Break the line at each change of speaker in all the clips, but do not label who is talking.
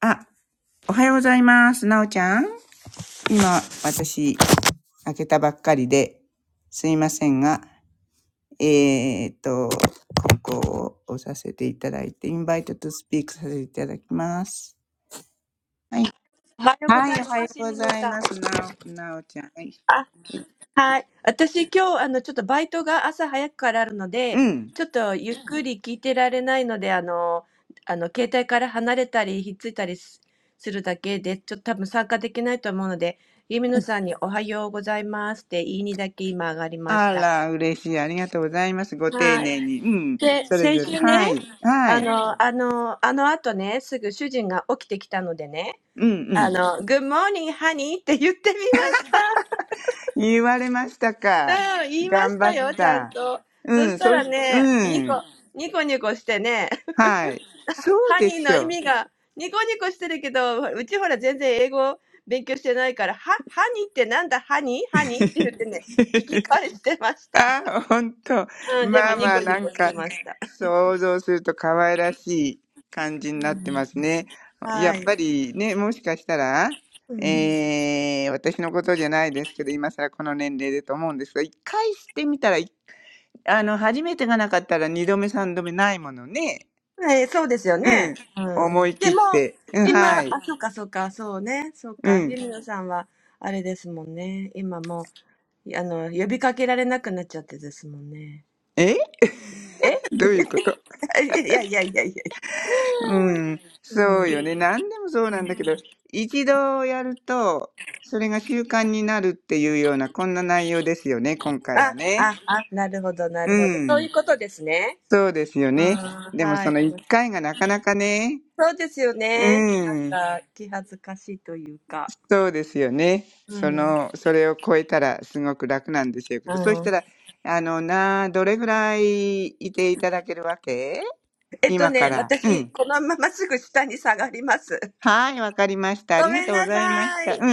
あ、おはようございます。なおちゃん。今、私、開けたばっかりで、すいませんが、えーっと、ここを押させていただいて、インバイトとスピークさせていただきます。はい。はい、おはようございます。なお、なおちゃん。はい。うん。あ
おはようございます、みのさん。あ、はい。私今日、あの、ちょっとバイトが朝早くからあるので、ちょっとゆっくり聞いてられないので、あの、あの、携帯から離れたり、ひっついたりす、するだけで、ちょっと多分参加できないと思うので、ゆみのさんにおはようございますって言いにだけ今上がりました。はい。で、先週ね、あの、あの、あの後ね、すぐ主人が起きてきたのでね、あの、Good
ら、嬉しい。ありがとうございます。ご丁寧に。うん。それぞれ。はい。はい。うんうん。
morning, honey って言ってみました。
言われました
うん、言いましたよ、ちゃんと。そしたらね、ニコ、ニコニコしてね、ハニーの意味が、ニコニコしてるけど、うちほら全然英語勉強してないから、は、ハニーってなんだ、ハニーハニーって言ってね、聞き返してました。うん、でもニコニコしてました。はい。うん。ね、そうですよね。うん。でも、今、あ、そうか、そうか、そうね、そうか、ゆみのさんは、あれですもんね。今もう
か。頑張った。うん。そうし、うん。はい。そうでしょう。あ、ほんと。まあまあ、なんか、想像すると可愛らしい感じになってますね。やっぱりね、もしかしたら、えー、私のことじゃないですけど、今更この年齢でと思うんですが、一回してみたら、いあの、初めてがなかったら二度目三度目ないものね。うん。思い切って。うん、はい。うん。
あの、呼びかけられなくなっちゃってですもんね。
え どういうことうん、そうよね。何でもそうなんだけど、一度やると、それが習慣になるっていうような、こんな内容ですよね、今回はね。うん、そうですよね。でもその一回がなかなかね、うん、そうですよね。そ
いやいやいやいや。うん。あ、あ、あ、なるほど、なるほど。そういうことですね。うん、はい。そうですよね。あ気恥ずかしいというか。うん。うん。えっとね、私、このまますぐ下に下がります。ごめんなさい。はい。じゃあまた、いつもありがとうございます。はい。よろしく。はい。よろしくお願いします。はい。
の、それを超えたらすごく楽なんですよけど、そうしたら、あのな、どれぐらいいていただけるわけ今から。うんはい、わかりました。ありがとうございました。うん。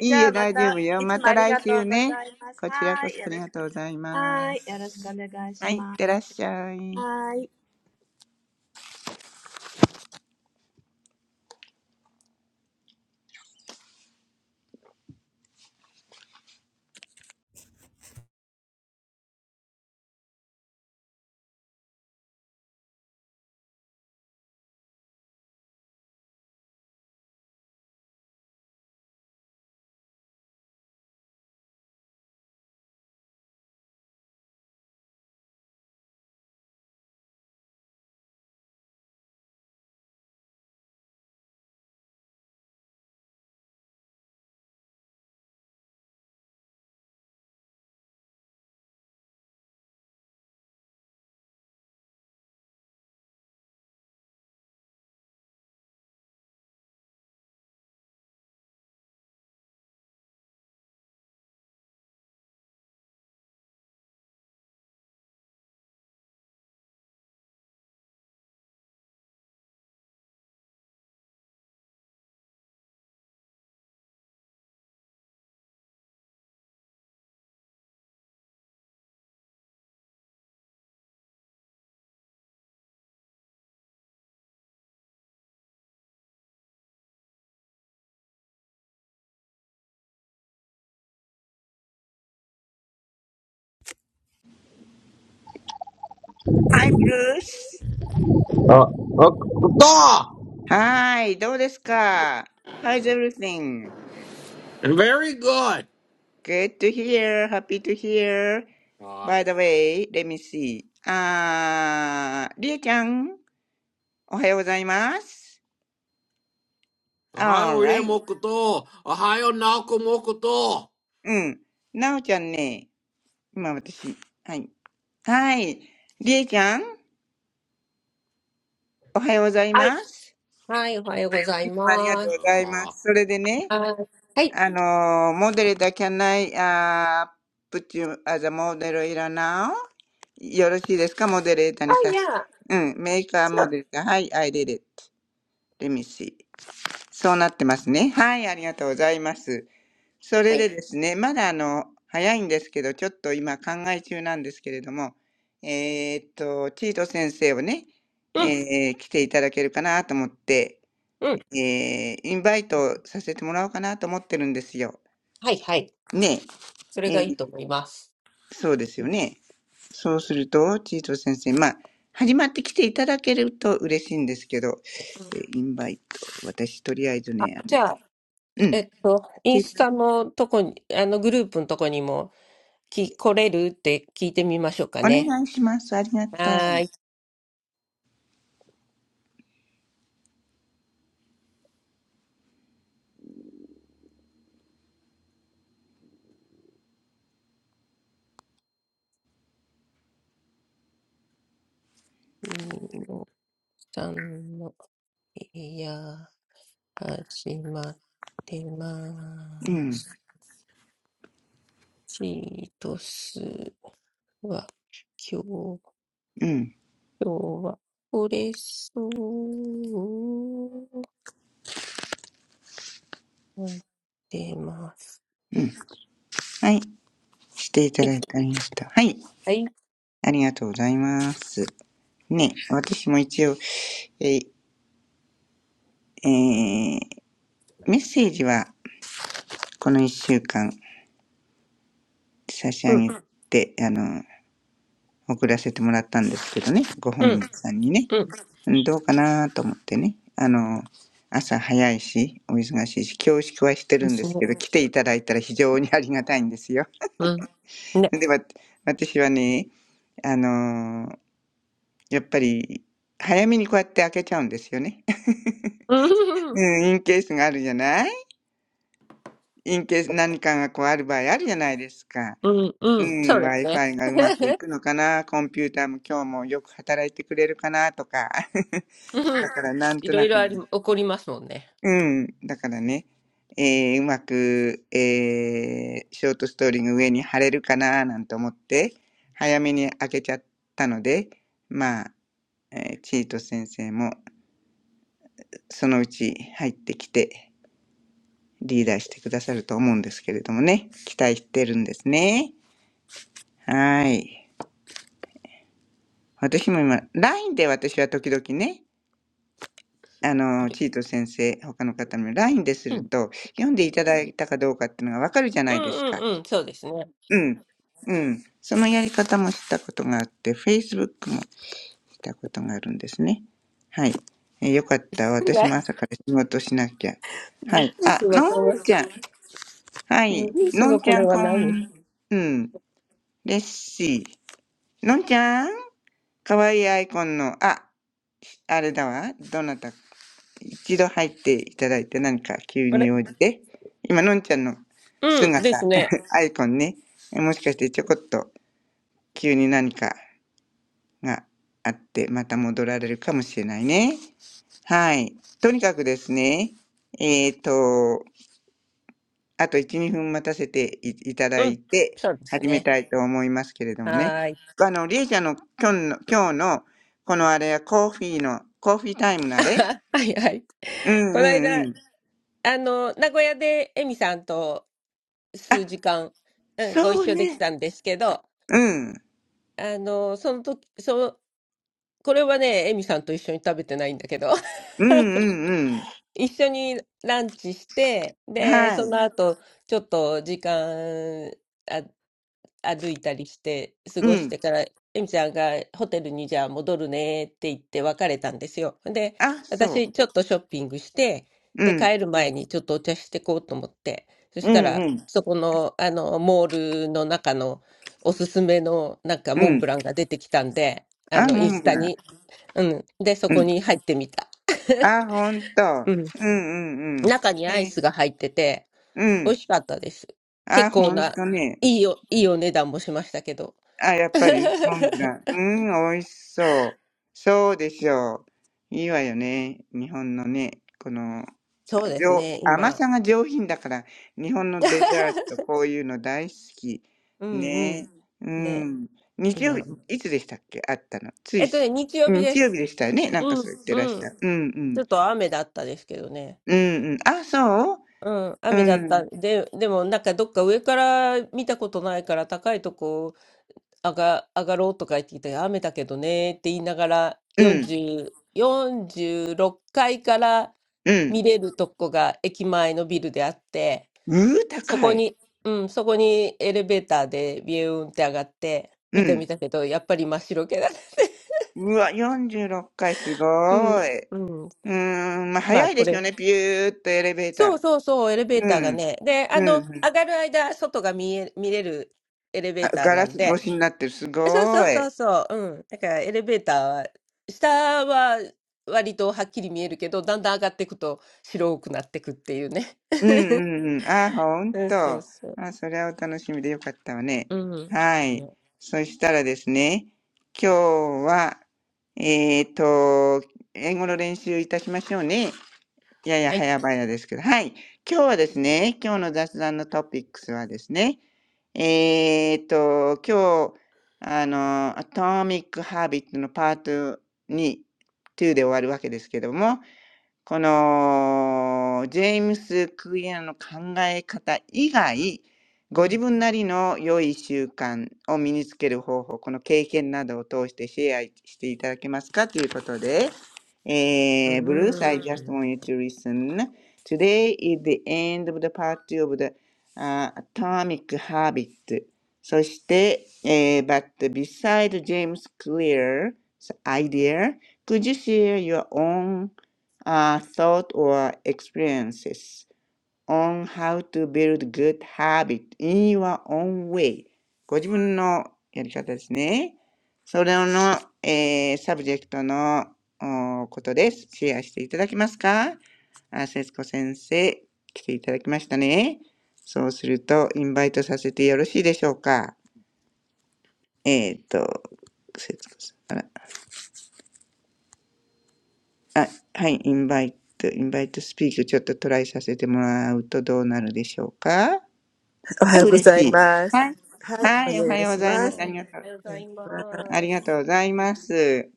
いいえ、大丈夫よ。また来週ね。こちらこそありがとうございます。はい、いってらっしゃい。Hi, Bruce.
あ、あ、こと
はい、どうですか ?How's everything?
!Very good!
Good to hear, happy to hear. By the way, let me see. あー、りえちゃん、おはようございます。alright. うん。なおちゃんね、今私、はい。はい。りえちゃんおはようござい
はい。
ます。
はい、おはようござい
いつもありがと
ま
う
す。
ございます。
はい。おはよう、家もこと、おはよう、なおこもこと。ああ、ああ、oh,
それでね、
はい。はい。
あの、モデレーター can I uh, put you as a model in now? よろしいですかモデレーター
あ、
に
い
さす。
や、
うん、メーカー
そ
モ
あ
デルーターはい、I did it. Let me see. そうなってますね。はい、ありがとうございます。そ
は
れ
い。
でですね、まだあの、早いんですけど、ちょっと今考え中なんですけれども、えーっと、チート先生をね、
うん、
えー来ていただけるかなと思って、
うん。
えーインバイトさせてもらおうかなと思ってるんですよ。
はい、はい。
ね
それ
え。え
がい
ー
いと思います。
そうですよね。そうすると、チート先生、まあ、始まって来ていただけると嬉しいんですけど、
うん、
え、インバイト、私とりあえず
あ、
ね、あ
じ
の、
ゃあ、
うん。
えっと、イン
で、
スタのとこに、あのグループのとこにも、き、来れるって聞いてみましょうか
お
ね。
願いします。ありがとう。
はーい。うんさんの、いや、始まって
う
ま
ん、
す。チートスは、今日
うん、
今日は折れそう吐ってます。は
うん。はい。していた
い。
だいてありました。はい。
はい。
ありがとうございます。ね、私も一応、え、えーメッセージはこの一週間差し
う
上
ん。
げて、あの、送らせてもらったんですけどね、ご
う
本
ん。
人さんにね、
うん。
うんどうかなと思ってね、あの、朝早いし、お忙しいし、恐縮はして
で
るんで
す
す
ね。
けど、来ていただいたら非常にありがたいんですよ。
うん。ね。
で、わ私はね、あの、やっぱり、早めにこうやって開けちゃうんですよね。
う
う
ん。
ん、インケースがあるじゃないインケース何かがこうある場合あるじゃないですか。
うん。う
う
ん。そう
ん、
ですね。
Wi-Fi がうまくい くのかな、コンピューターも今日もよく働いてくれるかなとか、
う
だ
ん。
からなん
い
と
ろい
なく
ろあり、
ね、
起こりますもんね。
うん、だからね、えーうまく、えーショートストーリーが上に貼れるかななんて思って、早めに開けちゃったので、まあ、えーチート先生もそのうち入ってきてリーダーしてくださると思うんですけれどもね、期待してるんですね。はい。私も今、LINE で私は時々ね、あ
そ
の、
れ。
チート先生、他の方も LINE です
う
る
ん。
と、読んでいただいたかどうかっていうのがわかるじゃな
う
いです
ん
か。
うんうん。そうですね。
うん。うん。そのやり方もしたことがあって、Facebook もしたことがあるんですね。はい。えよかった。私も
な
朝から仕事しなきゃ。
ブ
は
ル
い。
ー
あ、
スの
の
これ。
んちゃん。は
ブル
い。
ース
の
の
んち
こ
ゃ
れ
ん、
は
こ
何
ん、うん。レッシー。のんちゃんかわいいアイコンの、あ、あれだわ。どなた一度入っていただいて何か急
あ
に
れ
応じて、今、のんちゃんの
うん。です
姿、
ね。
アイコンね、もしかしてちょこっと急に何かがあって、また戻られるかもしれないね。はい。とにかくですね、えっ、と、あと1、2分待たせていいただ
う
い
ん。
て、
そうです
始め
ね。
たいと思いますけれどもね。
はーい。
あの、りえちゃんの今日の、今日の、このあれはコーヒーの、コーヒータイムのあれ
はいはい。
うんう
この間
んうん。
あの、名古屋でエミさんと数
あ、
時間、うん、ご
そ
一
う
緒でき
ね。
たんですけど、
うん。
あの、その時、その、これはね、エミさんと一緒に食べてないんだけど、
うんうんうん。
一緒にランチして、で、
は
そ
い。
の後、ちょっと時間、あ、歩いたりして、過
う
ごし
ん。
てから、エミちゃんがホテルにじゃあ戻るねって言って別れたんですよ。で、
あ、そう。
私、ちょっとショッピングして、
う
で、
ん。
帰る前にちょっとお茶してこうと思って、そし
う
た
んう
ら、
ん。
そこの、あの、モールの中のおすすめの、なんか、
う
モンブ
ん。
ランが出てきたんで、あ
あ、
の、イン
モン
ス
ブ
タ
ラン。
に。うん。で、そ
う
こ
ん。
に入ってみた。
あ、ほんと。うんうんうん。
中にアイ
えー、
スが入ってて、
う
美
ん。
味しかったです。
あ、
結構
ほん
な、
とね。
いいよ、いいお値段もしましたけど。
あ、やっぱりね、モンブラ ン。うん、美味しそう。そうでしょう。いいわよね。日本のね、この
そうです
上
ね、
甘
今。
さが上品だから、日本のデザー ト、こういうの大好き。
うんうん。
ねえ。う
ね、
ん。日曜日、
今。
いつでしたっけあったの。つ
え
い、
っとね、日曜日で
日曜
す。
日でしたよね。なんか
う
そ
ん、
う言って
う
らし
ん。
た。うんう
ちょ
ん。
っと雨だったですけどね。
うんうん。あ、そう
うん、
う
雨だった。
ん。
で、でもなんかどっか上から見たことないから高いとこあが、上がろうとか言ってきて、雨だけどねって言いながら、
うん。
40、46階かいから
う
見
ん。
れるとこが駅前のビルであって、
うー、
そ
高
こ
い。
に、うん、そこにエレベーターでビューンって上がって、
う
見てみ
ん。
たけど、やっぱり真っ白けだね。
うわ、46階、す
うん、
ごい。
うん。
うーん、まあ、
まあ、
早い
こ
です
れ。
よね。ピューっとエレベータ
そう
ー。
そうそう、エレベー
う
ターが
ん。
ね。で、
う
あ
ん、う
の、
ん。
上がる間、外が見え、見れるエレベ
あ
ーター
ガラ
なん
ス
で、
越しになってる。す
そうそ
ご
う
い。
そうそう。うん。だからエレベーターは、下は割とはっきり見えるけど、だんだん上がっていくと白くなってくっていうね。
うんうんうん。あ、ほん
うんそう
と。
そう。
あ、それはお楽しみでよかったわね。
うん。
はい。
ね。
そしたらですね、今日は、えっと、英語の練習いたしましょうね。やや
はい。
早々ですけど。はい。今日はですね、今日の雑談のトピックスはですね、えっと、今日、あの、アトミック・ハービットのパートに2で終わるわけですけども、このジェームス・クリアの考え方以外、ご
う
自
ん。
分なりの良い習慣を身につける方法、この経験などを通してシェアしていただけますかということで、
う
えー、Bruce, I just
ーん。
want you to listen. Today is the end of the part two of the、uh, atomic habit. そして、えー but beside James Clear's idea, could you share your own uh, thought or experiences on how to build good habit in your own way. ご自分のやり方ですね。それの、えーサブジェクトのことです。シェアしていただけますかあ、節子先生、来ていただきましたね。そうすると、インバイトさせてよろしいでしょうかえっ、と、節子さん。あ、はい、インバイト、インバイトスピークちょっとトライさせてもらうとどうなるでしょうかあ、
おはようご
嬉
ざい
しい。
ま
は
す。
い。
はい、
はい、お
お
は
願い
ようご
し
ざい
ま
ます。
す。
ありがとう。
おはようご
お
ざ
願いし
い
ます
あ
ま
りがとう
す。
ございます。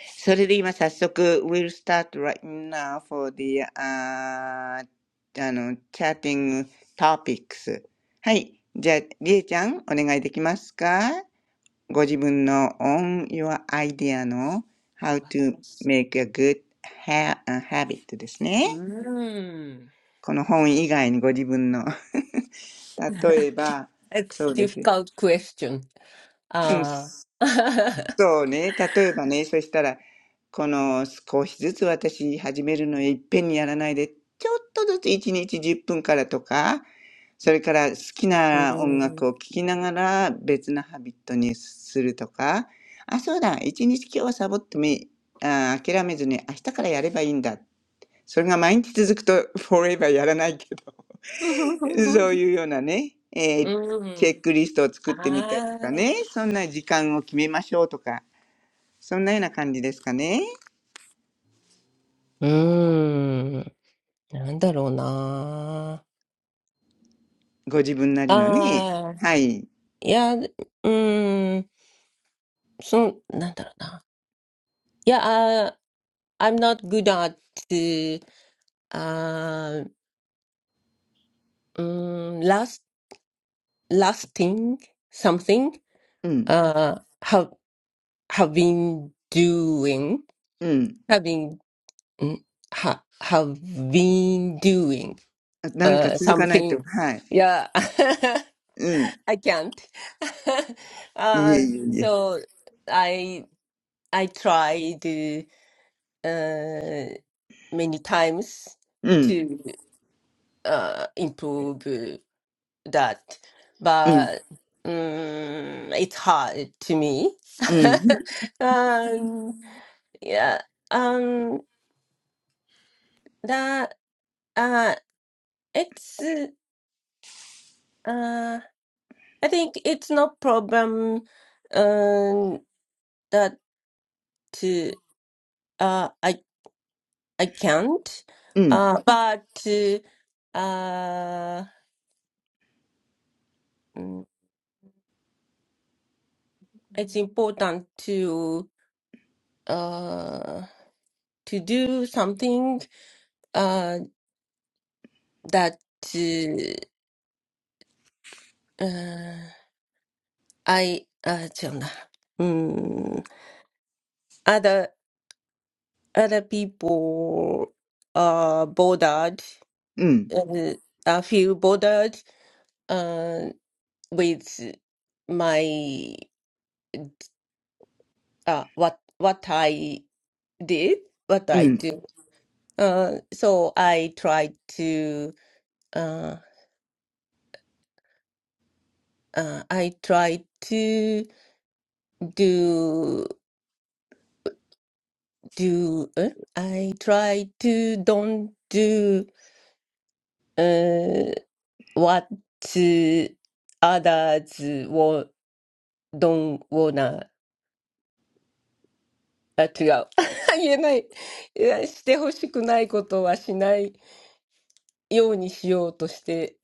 それで今早速、we'll start right now for the, ああの、chatting topics。はい。じゃあ、りえちゃん、お願いできますかご自分の on your idea の how to
私
make a good ha- a habit ですね。
うーん。
この本以外にご自分の。例えば、そ
It's
うです。
difficult question.
うん、
ああ。
そうね。例えばね、そしたら、この少しずつ私始めるのいっぺんにやらないで、ちょっとずつ1日10分からとか、それから好き
う
な音
ーん。
楽を聴きながら別なハビットにするとか、あ、そうだ、一日今日はサボってもいいあー諦めずに明日からやればいいんだ。それが毎日続くと forever やらないけど。そう いうようなね、え
う
ーチ
ー
ェ
ん。
ックリストを作
あ
ってみたりと
あ。
かね、そんな時間を決めましょうとか、そんなような感じですかね。
うーん。なんだろうな
ご自分なりのね。
Uh,
はい。
yeah, th- mm, so, なんだろうな。Yeah, uh, I'm not good at, uh, mm, last, lasting something,
うん、
uh, have, have been doing,
うん。
have been, mm, ha, have been doing,
あ何か
uh,
続かないと、
something.
はい。
Yeah,
うん。
I can't.
いえ
uh,
いえいえ。
so I, I tried. uh, many times
うん、
to uh, improve uh, that,
うん、
but um, it's hard to me.
うん、
um, yeah, um, that uh, it's uh, I think it's no problem um, that uh, uh, I I can't,
うん、
uh, but uh, mm, it's important to. uh, to do something uh, that uh, uh, I uh, 違うんだ。うん other other people are bothered
うん、
uh, I feel bothered uh, with my uh, what what I did what
う
I
ん。
do uh, so I try to uh, uh, I try to do. do, eh? I try to don't do uh, what others wa- don't wanna. あ、違う。言えない。いやしてほしくないことはしないようにしようとして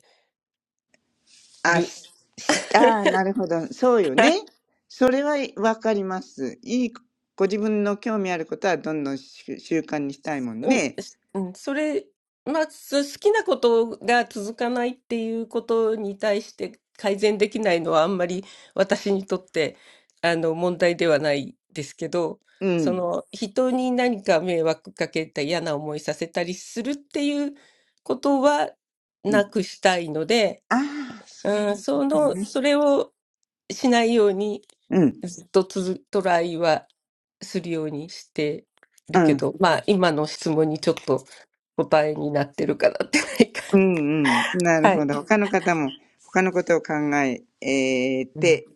あ、
る。
し、しあ ー、なるほど。そうよね。それはわかります。いい、ご自分の興味あることはどんどんし習慣にしたいもん
うん、
ね。
しうん、それ、まあ、す好きなことが続かないっていうことに対して改善できないのはあんまり私にとってあの問題ではないですけど、
う
そ
ん。
の人に何か迷惑かけたり嫌な思いさせたりするっていうことはなくしたいので、
ああ、そう
うん、そ
だ
の、
ね。
それをしないように
うん、
ずっとつづトライはするようにして
う
るけ
ん、
ど、まあ今の質問にちょっと答えになってるかなってないか。
うん、うん。なる
はい。
ほど。他の方も、他のことを考え
うん。
て、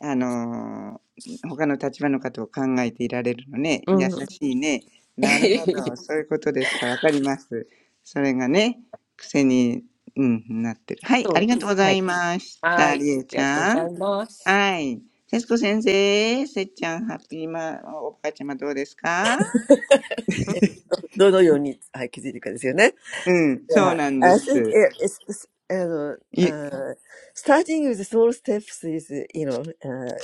あのー他の立場の方を考えていられるのね。優
うん。
しいね。なるほど。そういうことですか。わかります。それがね、癖に、うん、なってる。はい、
そ
あ
う
り
で
がとう
す。
ご
は
ざい
い。
まし
は
た、
ーい。
り
あ
え
り
ち
がとうご
ゃ
ざ
ん。
います。
はい。節子先生、せっちゃん、ハッピーマ、おばあちゃまどうですか
うん。
えどのように、はい、気づいていくかですよね。
うん、そう
Yeah,
なんで
I think
す。
it- it's, it's- あの、uh, starting with small steps is, you know, uh,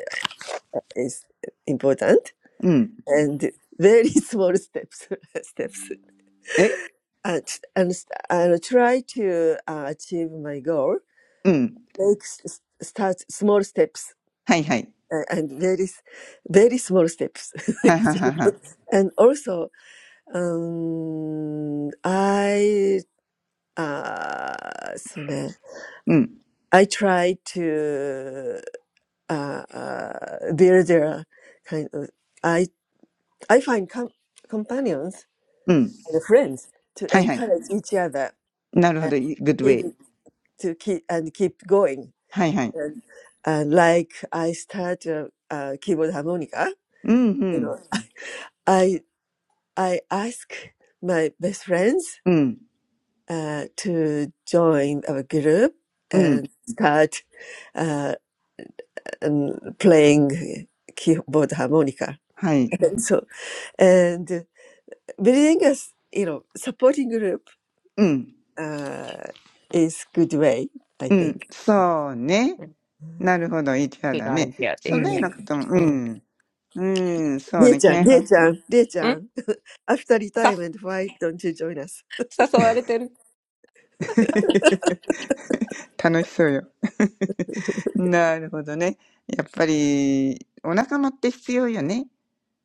is important
うん。
and very small steps, steps.
え
And, and, and try to uh, achieve my goal.
うん。
Make s- start small steps.
はいはい。
uh, and very s- very small steps
はいはいはいはい。
and also um i uh so the-
うん。
i try to uh, uh build a kind of i i find com- companions
うん。
and friends to
はいはい。
encourage each other
なるほ
and
ど。い good
keep
way.
to keep and keep going
はいはい。
and, and like i start a, a keyboard harmonica
うん、う
you
ん。
know I ask my best friends
うん。
uh, to join our group
う
and
ん。
start uh, and playing keyboard harmonica.
はい。
And so, and building a s- you know supporting group
うん。
uh, is good way, I
うん。
think.
そうね。
うん
なるほど。いちゃ
いい
だ
ア
ね。
イデア
そ
で
んな
す
よう
ね。
Mm.
なことも、う
うん。
ん。うん。そうね。け
Dear-chan,
んは
dear-chan,
うん。
dear-chan, after
さ、
retirement, why don't you join us?
誘われてる。
楽しそうよ。なるほどね。やっぱり、お仲間って必要よね。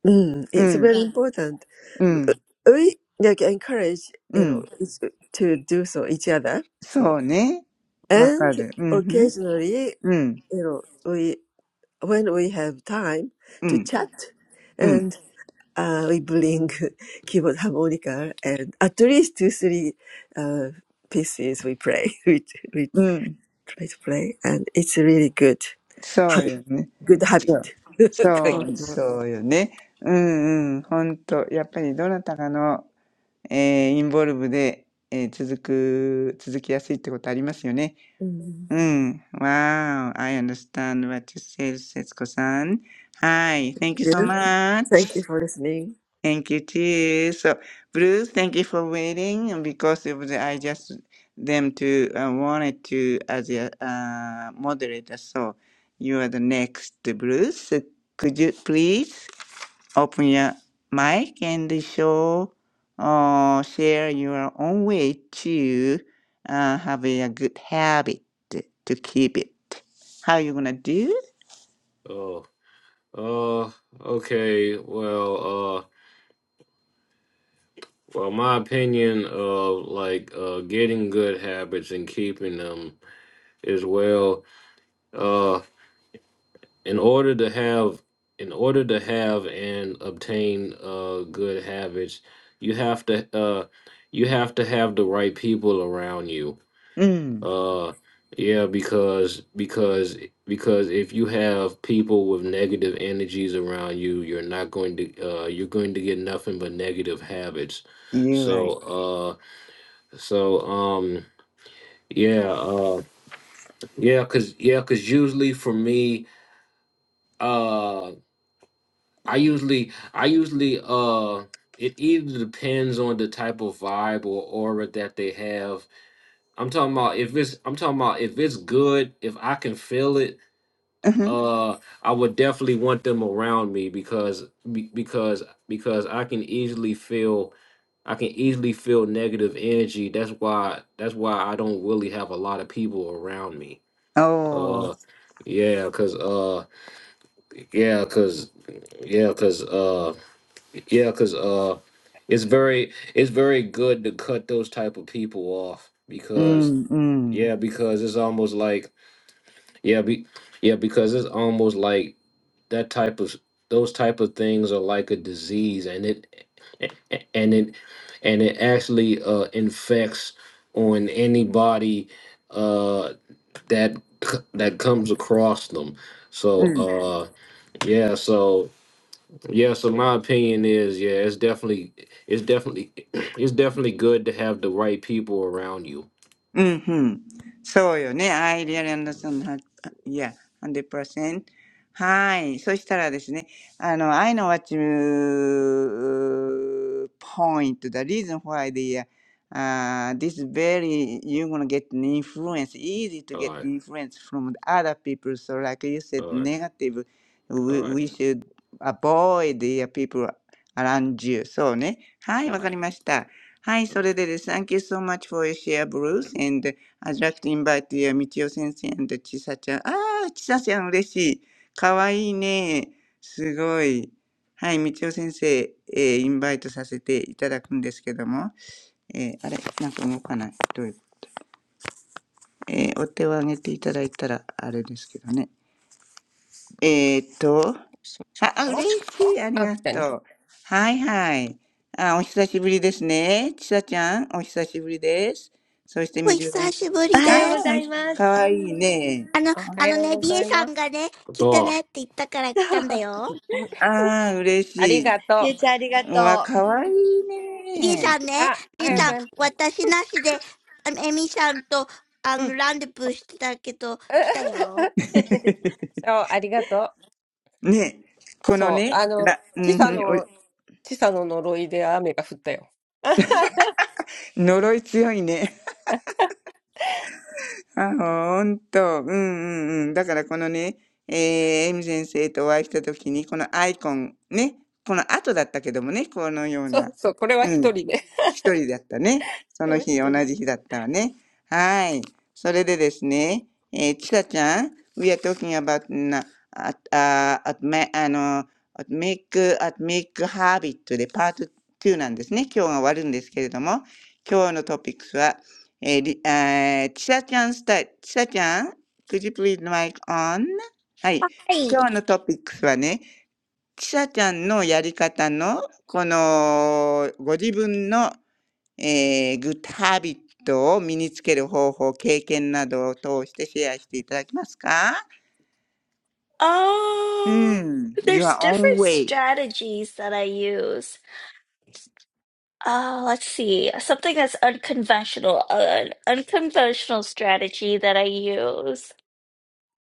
Mm,
う
it's
ん。
very Yeah. important.
う
Uh,
ん。
We like encourage
う
you know
ん。
each- to do so each other. So
そうね。わ
and
かる。うん
occasionally
うん、
you know we when we have time
う
to
ん、
chat
うん、
and uh, we bring keyboard harmonica and at least two three uh, pieces we play we we
うん。
try to play and it's a really good
そう
habit
よね。
good
そ
habit
う。
うん。
そ
kind.
う、
うん。
そうよね。うんうん。ほんと、やっぱりどなたかの、えーインボルブで、えー続く、続きやすいってことありますよね。
Mm.
うん。Wow, I understand what you said, 節子さん。はい。Thank you so
Yeah, thank you
much.
for listening.
Thank you too. So, Bruce, thank you for waiting. And because it was, I just them to uh, wanted to as a uh, moderator. So, you are the next, Bruce. So could you please open your mic and show or share your own way to uh, have a good habit to keep it? How you gonna do?
uh, okay, well, uh, well, my opinion of like uh, getting good habits and keeping them is well. uh, in order to have in order to have and obtain uh good habits you have to uh you have to have the right people around you
Mm,
uh yeah because because because if you have people with negative energies around you you're not going to uh you're going to get nothing but negative habits
you're right.
so uh so um yeah uh yeah cuz yeah cuz usually for me uh. I usually, I usually, uh, it either depends on the type of vibe or aura that they have. I'm talking about if it's, I'm talking about if it's good, if I can feel it, uh, I would definitely want them around me because, be- because, because I can easily feel, I can easily feel negative energy. That's why, that's why I don't really have a lot of people around me.
Oh,
Uh, yeah, cause, uh, yeah, cause, yeah, cause, uh. Yeah, because uh, it's very it's very good to cut those type of people off because
mm, mm,
yeah, because it's almost like yeah, be, yeah, because it's almost like that type of those type of things are like a disease, and it and it and it actually uh infects on anybody uh that c- that comes across them. So
mm.
uh yeah, so yeah, so my opinion is, yeah, it's definitely, it's definitely, it's definitely good to have the right people around you.
うんうん。そうよね。I really understand that. Yeah, 100%. はい。そしたらですね、あの、I know what you point. The reason why the, uh, this very, you're gonna get an influence, easy to
All
get
right,
influence from the other people. So like you said,
all right,
negative,
all
we,
right,
we should avoid the people around you. そうね。はい、
all
わか
right,
りました。はい、
all
そ
right,
れでです。Thank you so much for your share,
all right.
Bruce. And I'd like to invite you, みちお先生 and ちさちゃん。ああ、ちさちゃん嬉しい。かわいいね。すごい。はい、みちお先生、えーインバイトさせていただくんですけども。えーあれ、なんか動かない。どういう、えーお手を挙げていただいたら、あれですけどね。えーっと、
しまし
は、あ、
ょ
嬉し
う
い。あり
あ、
が
来たね。
とう。はいはい。あ、お久しぶりですね。ちさちゃん、お久しぶりです。そして、みじゅさああかわいいね。
おはようございます。
Thor,
うん
ああ、嬉
あ
し
り
い。
がとう。
うわ、か
おはようございます。ゆうちゃんありがとう。あ、おはよう、good
わいいね。
あ、おは
うん。
よう ございます。うん。
お久しぶりです。あの、あのね、リエさんがね、来てねって言ったから来たんだよ。リエさんね、リエさん、私なしで、あの、エミさんと、あの、ランデブーしてたけど、来たよ。はい。
そう、ありがと
ね、
う。
この
そう、
ね、
あの、
ら、う
チサ
ん、お
の、チサの呪いで雨が降ったよ。
呪い強いね。あ、ほんと。うんうんうん。だからこのね、えー、エミ先生とお会いしたときに、このアイコン、ね、この後だったけどもね、このよう
そ
な。
うそう、これは
うん。
一人で。
一人だったね。その日、同 じ日だったわね。はい。それでですね、えー、ちさちゃん、we are talking about a t uh, at, ma- あの、at make, at make habit でパート2なんですね。今日が終わるんですけれども、今日のトピックスは、えーりえーちさちゃんスタイル、ちさちゃん、could you please mic on? はい。今日のトピックスはね、ちさちゃんのやり方の、この、ご自分のえー、グッドハビットを身につける方法、経験などを通してシェアしていただけますかう
Oh,
ん。your
there's
own
different
way.
strategies that I use. Uh, let's see. Something that's unconventional, uh, an unconventional strategy that I use.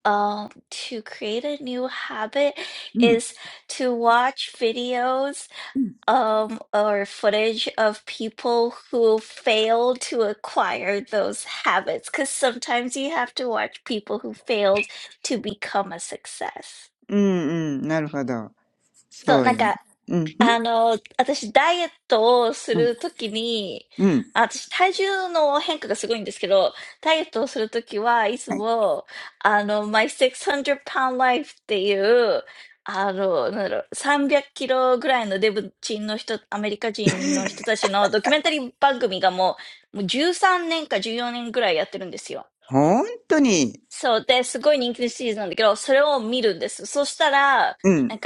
um to create a new habit
うん。
is to watch videos um or footage of people who failed to acquire those habits because sometimes you have to watch people who failed to become a success
うん、うん。なるほど。
So,
そうよね。うん、うん、うん。うん。はい。
あの、私、ダイエットをするときに、あ私、体重の変化がすごいんですけど、ダイエットをするときはいつも、あの、My 600 Pound Life っていう、あの、なんだろう、300キロぐらいのデブ人の人、アメリカ人の人たちのドキュメンタリー番組がもう、もう13年か14年ぐらいやってるんですよ。
本当に。
そう。で、すごい人気のシリーズなんだけど、それを見るんです。そしたら、なんか、あの、ダイエットしなかったらこうなっちゃうみたいな自分に呪いをかけて、あの、運動する。勉強するときも、なんか刑務所に行った人たちの、あの、動画とか見て、あ、勉強しなければ刑務所行っちゃう。そう。成功してる人だけじゃなくて、失敗してる人の動画見、見て、やる気出す。いや。
うん、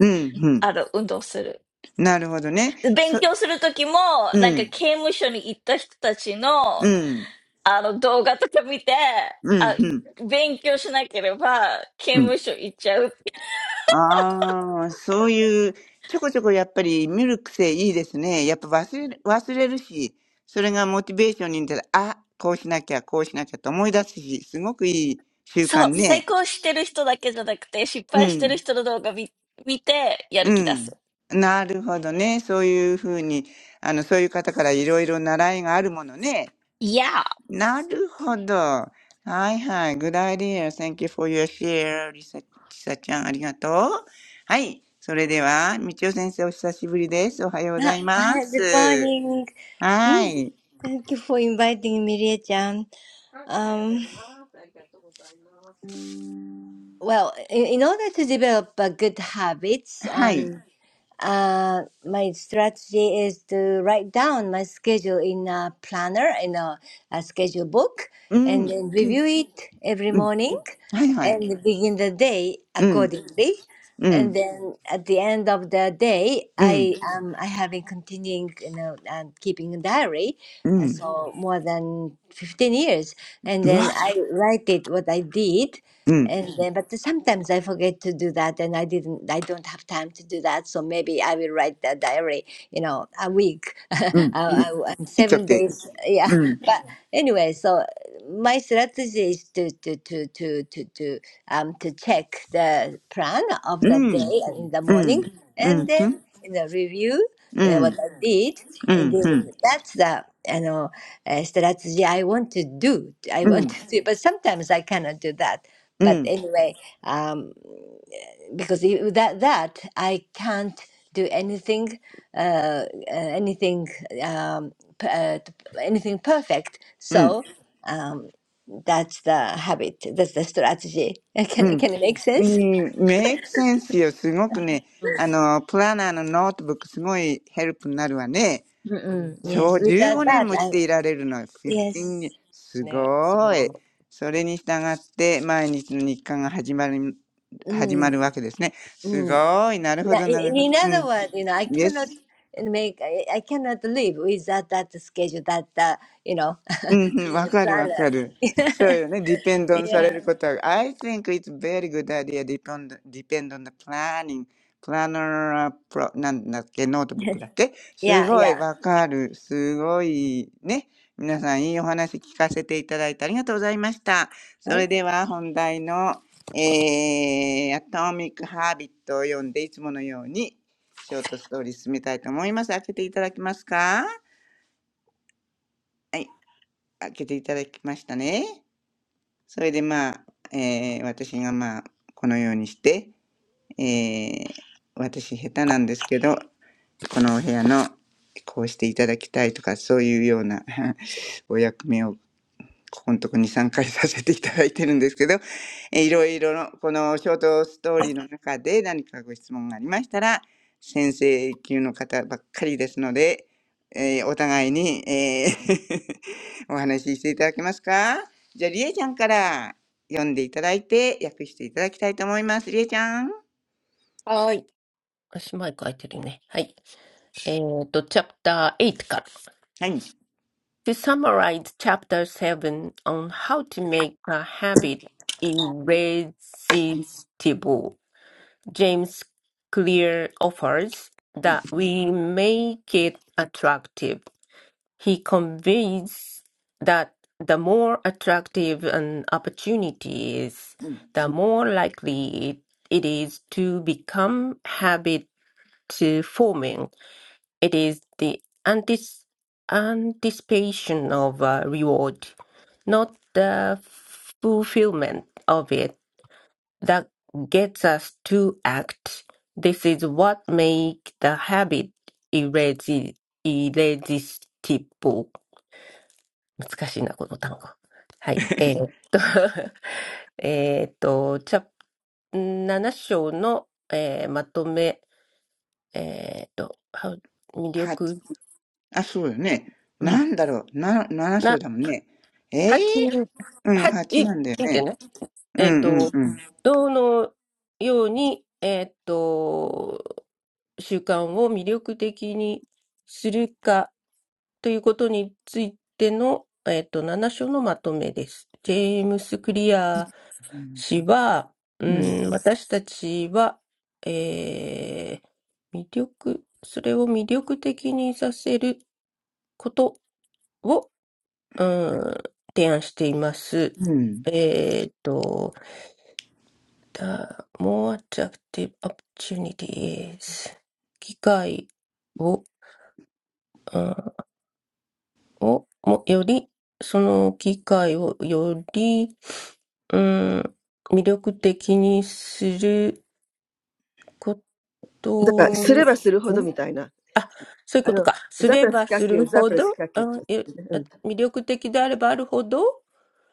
うん、うん。なるほどね。そ、うん、うん、うん、うん。ああ、そういう、ちょこちょこやっぱり見る癖いいですね。やっぱ忘れる、忘れるし、それがモチベーションになったら、あ、こうしなきゃ、こうしなきゃと思い出すし、すごくいい習慣ね。うん、うん。なるほどね。そういうふうに、あの、そういう方からいろいろ習いがあるものね。なるほど。はいはい。Good idea. Thank you for your share. リサ、リサちゃん、ありがとう。はい。それでは、みちお先生、お久しぶりです。おはようございま す。
morning.
は
うん
い。
Thank you for inviting me, りえちゃん。Um,
おはようございます。ありがとうございます。
well, in in order to develop a good habits
はい。
and uh, my strategy is to write down my schedule in a planner in a, a schedule book
う
and
ん。
then Mhm.
く
review it every
うん。
morning
はいはい。
and begin the day
うん。
accordingly
う
and
ん。
then at the end of the day
う
i
ん。
um, i have been continuing you know and keeping a diary
う
uh,
ん。
so more than 15 years and
うわ。
then i write it what i did
うん。
and then, but sometimes I forget to do that, and I didn't. I don't have time to do that, so maybe I will write a diary. You know, a week, I,
うん。
I, and
いっちゃっ
seven
て。
days. Yeah,
うん。
but anyway, so uh, my strategy is to to to to to to um to check the plan of
う
the
ん。
day and in the
う
morning,
ん。う
and
ん。うん。
then you know review
う
uh, what
ん。
I did.
う
And
ん。
then
うん。
that's the you know uh, strategy I want to do. I
う
want
ん。
to do, but sometimes I cannot do that
う
but
ん。
anyway um because i- without that i can't do anything uh uh, anything um p- uh, t- anything perfect
うん
so um that's the habit that's the strategy
う
can,
ん。
can it make
う
sense
ん、メイクセンスよ。すごくね、あの、プランナーのノートブック、すごいヘルプになるわね。
Mm-mm. yes
そう、15
without
年
that
もし
i
ていられるの。
yes
15、すごい。それに従って、毎日の日課が始まる、始ま
mm,
るわけですね。す
mm.
ごい。なるほ
Yeah,
ど、
In,
なる
in
ほど。
in
う
other
ん。
words you know i cannot
Yes.
make i, I cannot live without that schedule that uh, you know
うん うん、わ
schedule
かるわか
planner
る。そうよね。depend on されることは。I think it's very good idea depend, depend on the planning. planner, pro, なんだっけ、ノートブックだっけすごいわかる。すごいね。皆さんいいお話聞かせていただいてありがとうございました。それでは本題の、えー、Atomic Habit を読んでいつものようにショートストーリー進めたいと思います。開けていただけますかはい。開けていただきましたね。それでまあ、えー私がまあ、このようにして、えー私下手なんですけど、このお部屋のこうしていただきたいとか、そういうような お役目をここのとこ2、3回させていただいてるんですけど、えーいろいろのこのショートストーリーの中で何かご質問がありましたら、先生級の方ばっかりですので、えーお互いに、えー お話ししていただけますかじゃあ、りえちゃんから読んでいただいて、訳していただきたいと思います。りえちゃん。
Eight. 8から。To
はい。
summarize Chapter 7 on how to make a habit irresistible, James Clear offers
うん
that we make it attractive. He conveys that the more attractive an opportunity is, the more likely it it is to become habit uh, forming. It is the antis- anticipation of a reward, not the fulfillment of it, that gets us to act. This is what makes the habit irresi- irresistible. 難しいな、この単語。はい。えーっと、えーっと、チャプ、7章の、えーまとめ、えーっと、は魅
は、
力、
あ、そうよね。
う
な
ん、
んだろう。な、7章
な、
だもんね。ええ
8、
うん、
8、いい
8
い
なんだよ
いんじゃ
ね。
ない
う
えーっ
んうん
と、
う
どのように、えーっと、習慣を魅力的にするかということについての、えーっと、7章のまとめです。ジェームス・クリアー
ん。
私は、う
うん。
ーん、私たちは、えー、魅力、それを魅力的にさせることを、うーん、提案しています。
うん。
えっと、the more attractive opportunities 機会を、うんを、も、より、その機会をより、うん、魅力的にする
あすれ
と、
ばするほど
ん
みたいな。
あ、そういう
あ
こと
の、
か。す
ザプ
れ
ラス
ば
火
す
球、
る
ザ
ほ
プラス
ど、
火球って
うん、
言
え
ってね、う
あ
ん。
魅力的であればあるほど、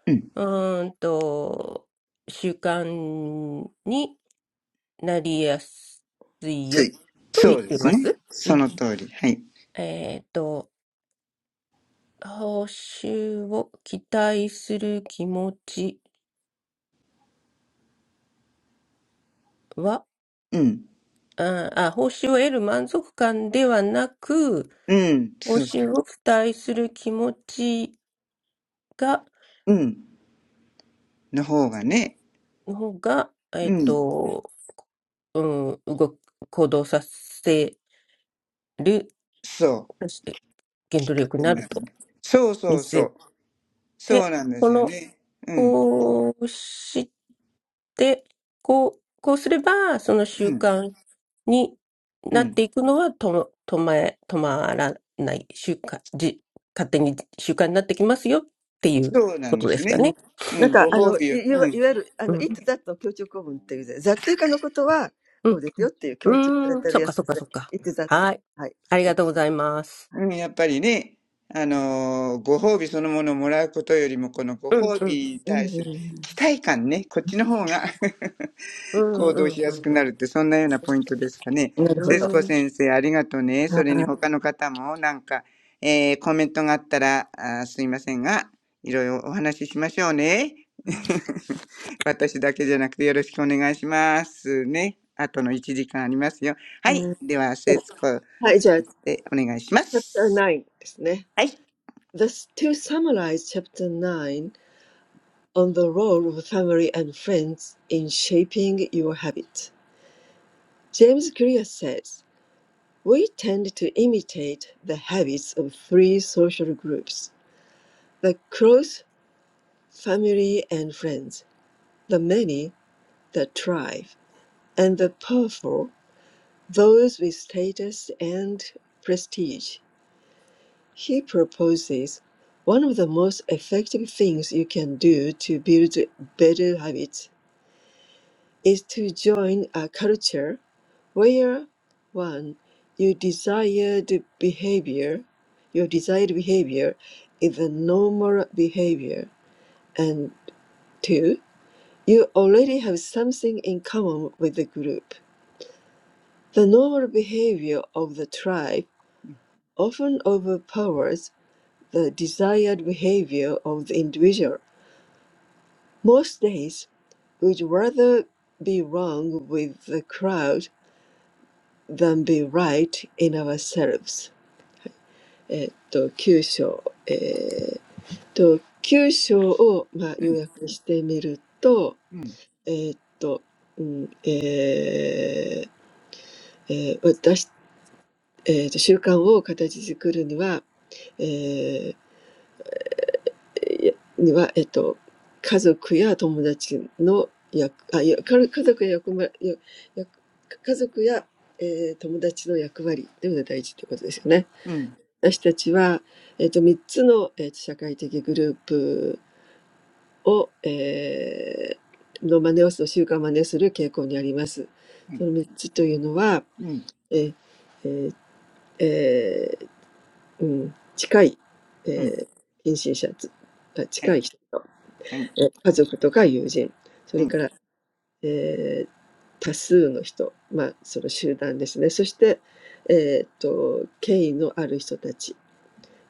うん。
うーんと、習慣になりやすい
つ
よ
い。
と
そ
言っ
うで
て
す
ま
ね。
す。う
そ
ん。
の通り。はい。
えっと、報酬を期待する気持ちは、
うん。
うんあ、あ報酬を得る満足感ではなく、
うん。
報
そうそ
酬を期待する気持ち
う。うん。の方がね。
の方が、え
う
っ
ん。
と、うん、動く、行動させる、
そう。
そして原
き
動
っか
力に
け
な
に
る
なる
と
ね。そうそ
見
うそ
せ
う。そう
て、
なんで
こ
すよ
の、
ね。うん。
こうして、こう、こうすれば、その
う
習
ん。
慣に
う
なっ
ん。
ていくのはと止まえ、止まらない、習慣、じ、勝手に習慣になってきますよっていう
そうな
こ
ん
と
です
で
よ
すか
ね。
ね、
ね。
う
なん
ん。
か、
ご
あ
褒
の、い
美を。
い
う
わ
ん。
いわゆる、あ
う
の、
ん。
it that の強調構文っていうで、that 以下のことは、
う
こう
ん。
ですよっていう
う
強調され
ーん。
てる
そっ
や
か
つ
そっ
です
か
ね。
そっか。
it that
はい。
はい。
あり
で
がとうございます。
うん。やっぱりね。あのーご褒美そのものをもらうことよりも、このご
うん
褒
うん。
美に
うん
対
う
す
ん
る期待感ね。こっちの方が。
う
行
んう
動
ん
しや
う
す
ん
く
う
な
ん。
るって、そんなようなポイントですかね。
うん。な
う
るほ
セ節
ど。
コ
ーん。
先生、ありがとうね。それに
はい。
他の方も、なんか、コメントがあったら、あすいませんが、いろいろお話ししましょうね。私だけじゃなくてよろしくお願いしますね。あとの1時間ありますよ。は
う
い。
ん
では、セ節コ
はい、じゃあ、
でお願いしま
chapter
す。
9 ですね。Thus,
はい。
to summarize chapter 9 on the role of family and friends in shaping your habit, James Clear says, We tend to imitate the habits of three social groups the close family and friends, the many, the tribe, and the powerful, those with status and prestige. He proposes one of the most effective things you can do to build better habits is to join a culture where one, your desired behavior, your desired behavior is a normal behavior, and two, you already have something in common with the group. The normal behavior of the tribe often overpowers the desired behavior of the individual. Most days would rather be wrong with the crowd than be right in ourselves. えっと、9章。えーっと、9章を、まあ、
う
要
ん、
約してみると、
うん、
えーっと、うん、えーえー私、えーっと、習慣を形作るには、えには、えっと、家族や友達の役、あ、いや、か家族や役ま、や、家族や、えー、友達の役割というのが大事ということですよね。
うん、
私たちは、えっ、と、3つの、えっと、社会的グループを、えー、の真似をする、習慣を真似する傾向にあります。
う
そ
ん、
の3つというのは、
うん、
えーえーえーうん、近い、
うん。
えー、近親者つ、あ
は
近
い、
い人と
はい、
え、家族とか友人、そ
は
れ
い、
から、ええ、多数の人、まあ、その集団ですね。そして、えっと、権威のある人たち、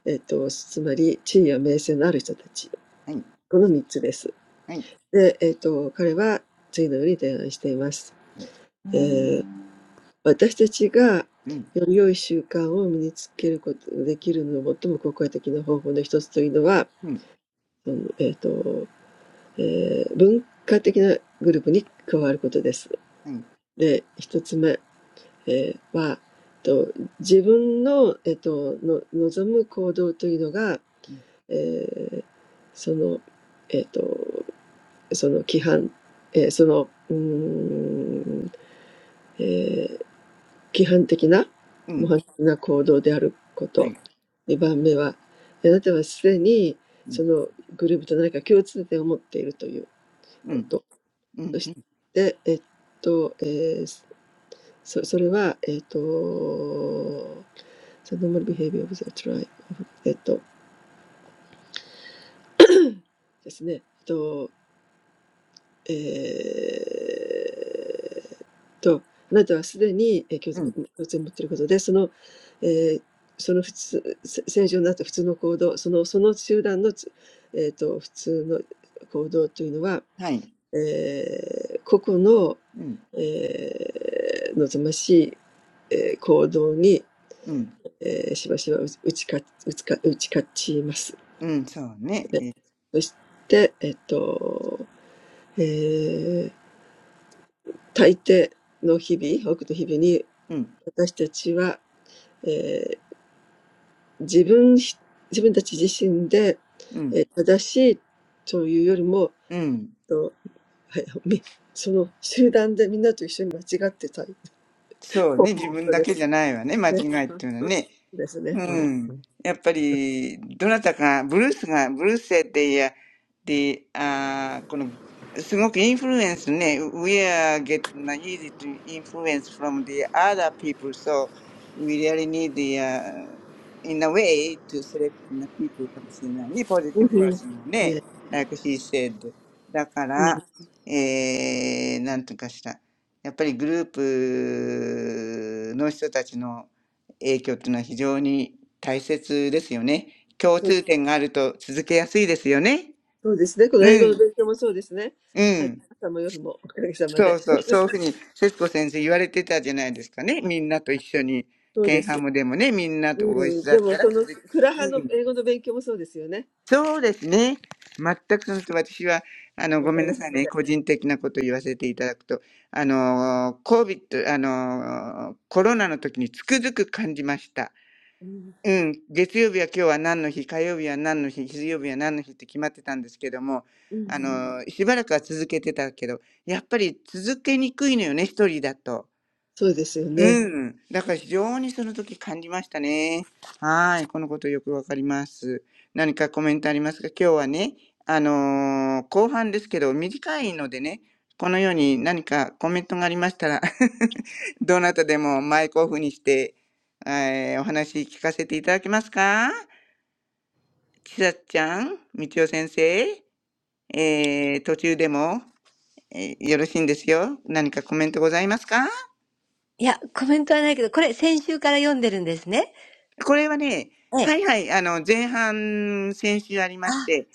えっと、つまり地位や名声のある人たち、
はい、
この3つです。
はい、
で、えっと、彼は次のように提案しています。
うん、
うええ、ん。私たちが
うん、
より良い習慣を身につけることができるの最も効果的な方法の一つというのは、
うん、
その、えっと、ええ、文化的なグループに加わることです。
はい、
で、一つ目、えーは、と自分の、えっと、の望む行動というのが、
うん、
えーその、えっと、その規範、えーその、うーん、えー規範的な、
う
模
ん
範的な行動であるこ
は
と。
い。
二番目は、あなたはすでにそのグループと何か共通点を持っているということ。
うん、
そ
う
し
ん、
て、えっと、えーそそれは、えっ、ーと、その normal behavior of the tribe, えっと、ですね、えっと、えー、と、あなたはすでに、共通
うん、
を持っていることで、その、えー、その普通、正常になった普通の行動、その、その集団のえっー、と、普通の行動というのは、
はい。
えー、個々の、
うん、
えー、望ましい、行動に
うん、
えーしばしば打ち打ち勝打ち勝打ち勝ちます。
うん、そうね。
で
え、
そして、えっと、えー大抵の日々、多くの日々に、
うん、
私たちは、えー自分ひ、自分たち自身で、
う
え
ん、
ー正しいというよりも、
うん。
とはいみその集団でみんなと一緒に間違ってたい。
そう
そう
ね。自
こ
分
と
だ
で
け
す
じゃないわね。間違
ね。
いっ
う
て
ん
いうのはね。
ですね。
う
う
は
ん
い。
う
ん。
ん。
やっぱり、どなたか、ブルースが、ブルースって、いや、で、あー、この、すごくインフルエンスね、we are getting easy to influence from the other people, so we really need the, uh, in a way to select the people かもしれないね、
う
positive
んうん。
person をね、
ね、
like he said. だか
うん
ら、えー、なんとかした。やっぱりグループの人たちの影響っていうのは非常に大切ですよね。共通点があると続けやすいですよね。
そうですね。こ
う
の英語の
ん、
勉強もそうですね。
う
あ
ん。
朝も夜もおかげさま
そ
で。
うそう、そういうふうに節子先生言われてたじゃないですかね。みんなと一緒に、
そう
ケ
で
ンハ
す。
ムでもね、みんな
う
とご一
ん。
緒だっ
でも、
たら
その、
続き、
クラハ
う
の
ん。
英語の勉強もそうですよね。
そうですね。全くその通り私は、あの、
お
ごめ
か
ん
げ
な
さ
さい
ま
ね。
で。
個人的なことを言わせていただくと、あの、コビ v あの、コロナの時につくづく感じました。
うん。
うん、月曜日は今日は何の日、火曜日は何の日、水曜日は何の日って決まってたんですけども、
う
あうん
ん、
の、しばらくは続けてたけど、やっぱり続けにくいのよね、一人だと。
そうですよ
う
ね。
ん。だから非常にその時感じましたね。はい。このことよくわかります。何かコメントありますか今日はね、あのー後半ですけど、短いのでね、このように何かコメントがありましたら どなたでもマイクオフにして、えーお話聞かせていただけますかちさちゃん、みちお先生、えー途中でも、えーよろしいんですよ。何かコメントございますかこれはね、はいはい、あの、前半、先週ありまして、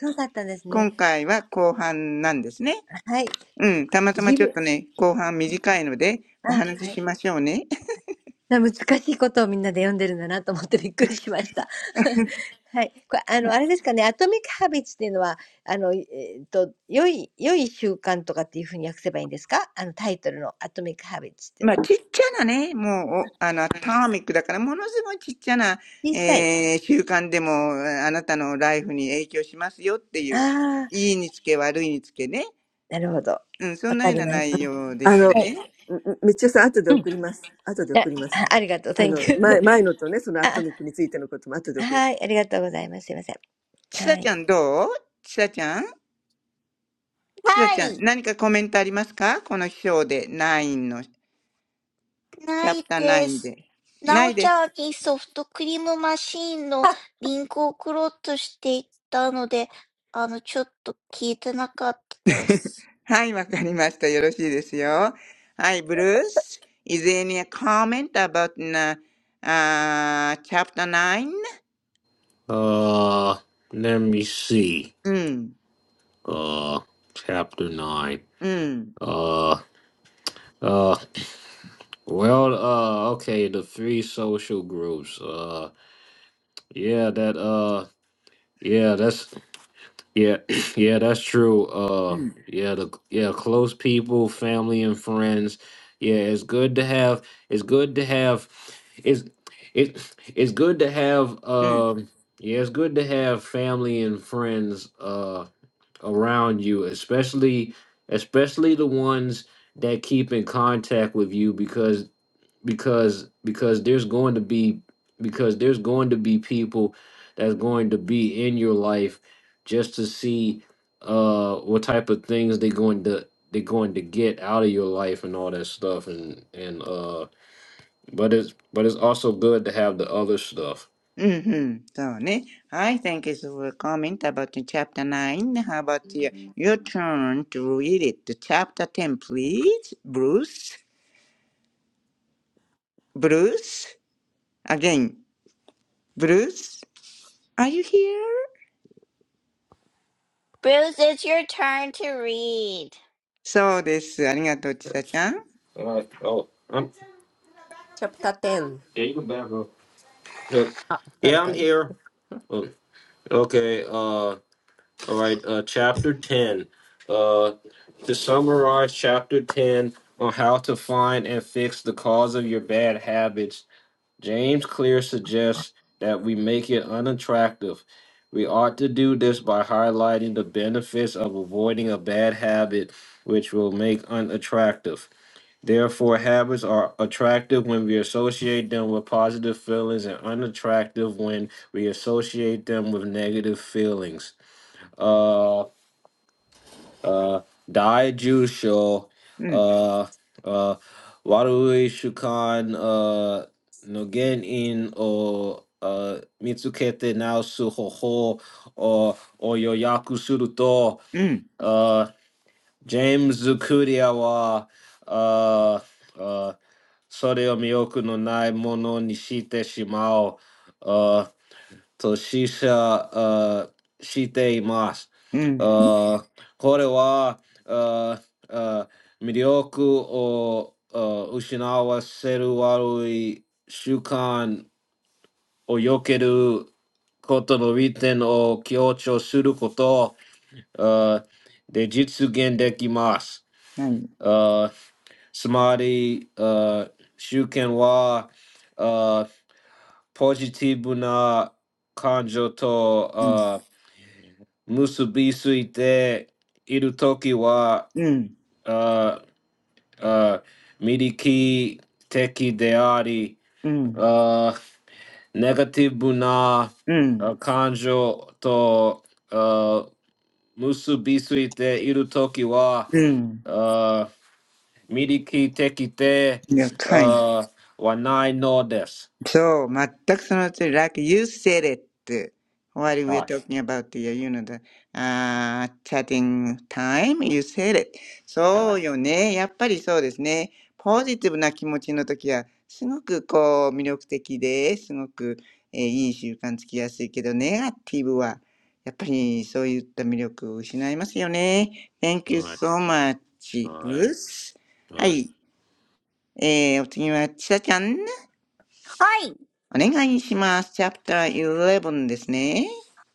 今回は後半なんですね。うん、たまたまちょっとね、後半短いので、お話ししましょうね。まあ、
いや、いや、いや。いや、コメントはないけど、これ先週から読んでるんですね。ええ。あ、そうだったんですね。はい。随分、あ、はい。難しいことをみんなで読んでるんだなと思ってびっくりしました。はい。これ、あの、あれですかね、アトミック・ハビッツっていうのは、あの、えーっと、良い、良い習慣とかっていうふうに訳せばいいんですかあの、タイトルのアトミック・ハビッツっていうのは。小さい。ああ、なるほど。わかります。はい。あありがとう。Thank
ちっちゃなね、もう、おあの、アトミックだから、ものすごいちっちゃな、えー、習慣でも、あなたのライフに影響しますよっていう、いいにつけ、悪いにつけね。うん、そんなような内容で
あ
した
の、
ね。
みちおさん、後で送ります。後で送ります。あ の、
you.
前、前のとね、そのア
あ、
トミックについてのことも後で送り
ちさちゃんどうちさちゃんちさちゃん、何かコメントありますかこの章で、9の、チャプター9で。ないです。
ないです。なおちゃんにソフトクリームマシーンのリンクを送ろうとしていたので、あの、ちょっと聞いてなかったです。Bruce,
はい、わかりました。よろしいですよ。はい、ブルース。Is there any comment about uh, uh, chapter 9?
uh, let me see.
うん、
Uh, chapter nine.
うん、
Uh, uh, well, uh, okay, the three social groups. Uh, yeah, that, uh, yeah, that's Yeah, yeah, that's true.
う
Uh,
ん、
yeah, the yeah, close people, family and friends. Yeah, it's good to have. It's good to have. It's it. It's good to have.
うん、
Um, yeah, it's good to have family and friends. Uh, around you, especially especially the ones that keep in contact with you because because because there's going to be because there's going to be people that's going to be in your life just to see uh what type of things they're going to they're going to get out of your life and all that stuff and and uh but it's but it's also good to have the other stuff
うん、うん。そうね。はい、thank you for comment about chapter 9. How about your, your turn to read it? Chapter 10, please, Bruce. Bruce? Again, Bruce? Are you here?
it's your turn to read.
そうです。ありがとう、ちさちゃん。
all right oh i'm
チャプター10。
yeah you can back up Look,
あ、
yeah
誰
i'm
かいい
here Oh, okay uh All right, uh, chapter 10. Uh, to summarize chapter 10 on how to find and fix the cause of your bad habits, James Clear suggests that we make it unattractive. We ought to do this by highlighting the benefits of avoiding a bad habit, which will make unattractive. Therefore, habits are attractive when we associate them with positive feelings and unattractive when we associate them with negative feelings. Uh, uh, Dai
うん、
uh, uh, Warui Shukan, uh, Nogen In, or uh, Mitsukete Naosu Hoho, or Oyoyaku Suruto,
うん、
uh, James Zukuriawa, uh, uh, Sore o Miyoku no Nai Mono Nishite Shimao, uh,
うん。
と、死者あしています。あこれはああ魅力をあ失わせる悪い習慣
何うん、
を避けることの利点を強調することあで実現できます。あつまり、あ主権はあポジティブな感情と Musubi
うん、
uh uh
うん、
uh
うん、
uh, uh
うん。
uh
了解。
uh no
そう、全くその通り、like you said it. What we're
right,
talking about the, you know, the uh, chatting time, you said it.
right,
そうよね。やっぱりそうですね。ポジティブな気持ちの時は、すごくこう魅力的で、すごく、えーいい習慣つきやすいけど、ネガティブは、やっぱりそういった魅力を失いますよね。Thank you
right,
so much, Bruce. は
right,
い。えー、お次は、ちさちゃん。
Hi,
お願いします。チャプター11ですね。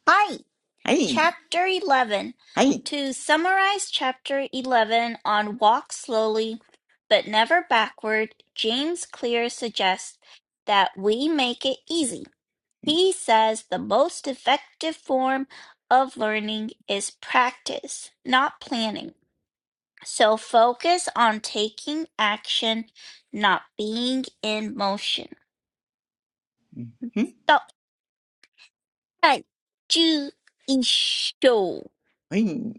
hi.
はい。
Chapter 11.
はい。
To summarize Chapter 11 on Walk Slowly But Never Backward, James Clear suggests that we make it easy. He says the most effective form of learning is practice, not planning. So focus on taking action, not being in motion.
んはい。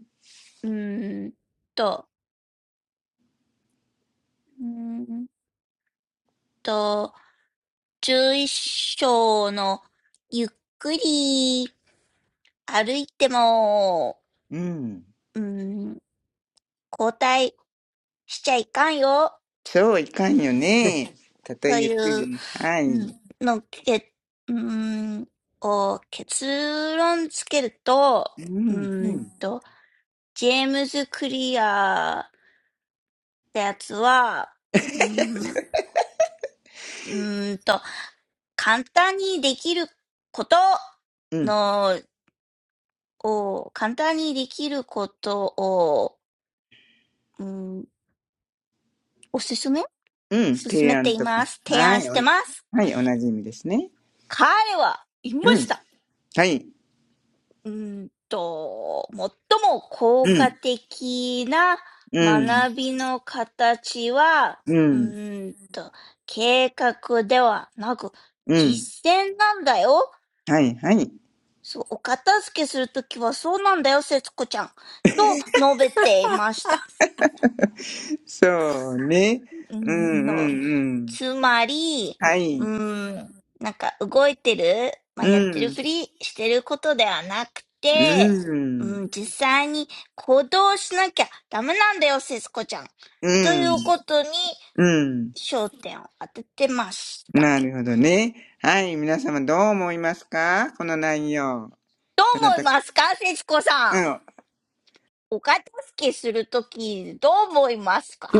第11章。うーんと、うーんと、11章のゆっくり歩いても、うーん、後退しちゃいかんよ、という
うん。そういかんよね。たとえゆっくりでも。はい。うん。うん。うん。
うん、のけ、うーん、こう、結論つけると、うーんと、ジェームズ・クリアってやつは、うーん、うーんと、簡単にできることの、を、簡単にできることを、うーん、おすすめ進めています。提案してます。彼は、言いました。
うん。提案とか。はい。おはい。同じ意味ですね。うん。はい。うん。うん。うん。うん。
うーんと、最も効果的な学びの形は、うーんと、計画ではなく、実践なんだよ。そう、お片付けするときはそうなんだよ、節子ちゃん。と述べていました。
はい。はい。そうね。
うーんと、つまり、うーん、なんか動いてる、まあ、やってるふりしてることではなくて、うん、実際に行動しなきゃダメなんだよ、セスコちゃん。ということに焦点を当ててました。どう思いますか、セスコさん。お片付けするとき、どう思いますかしょうがない、待ちましょう。
うん。うん。うん。はい。うん。うん。うん。うん。なるほどね。はい、皆様どう思いますかこの内容。どなたか、うん、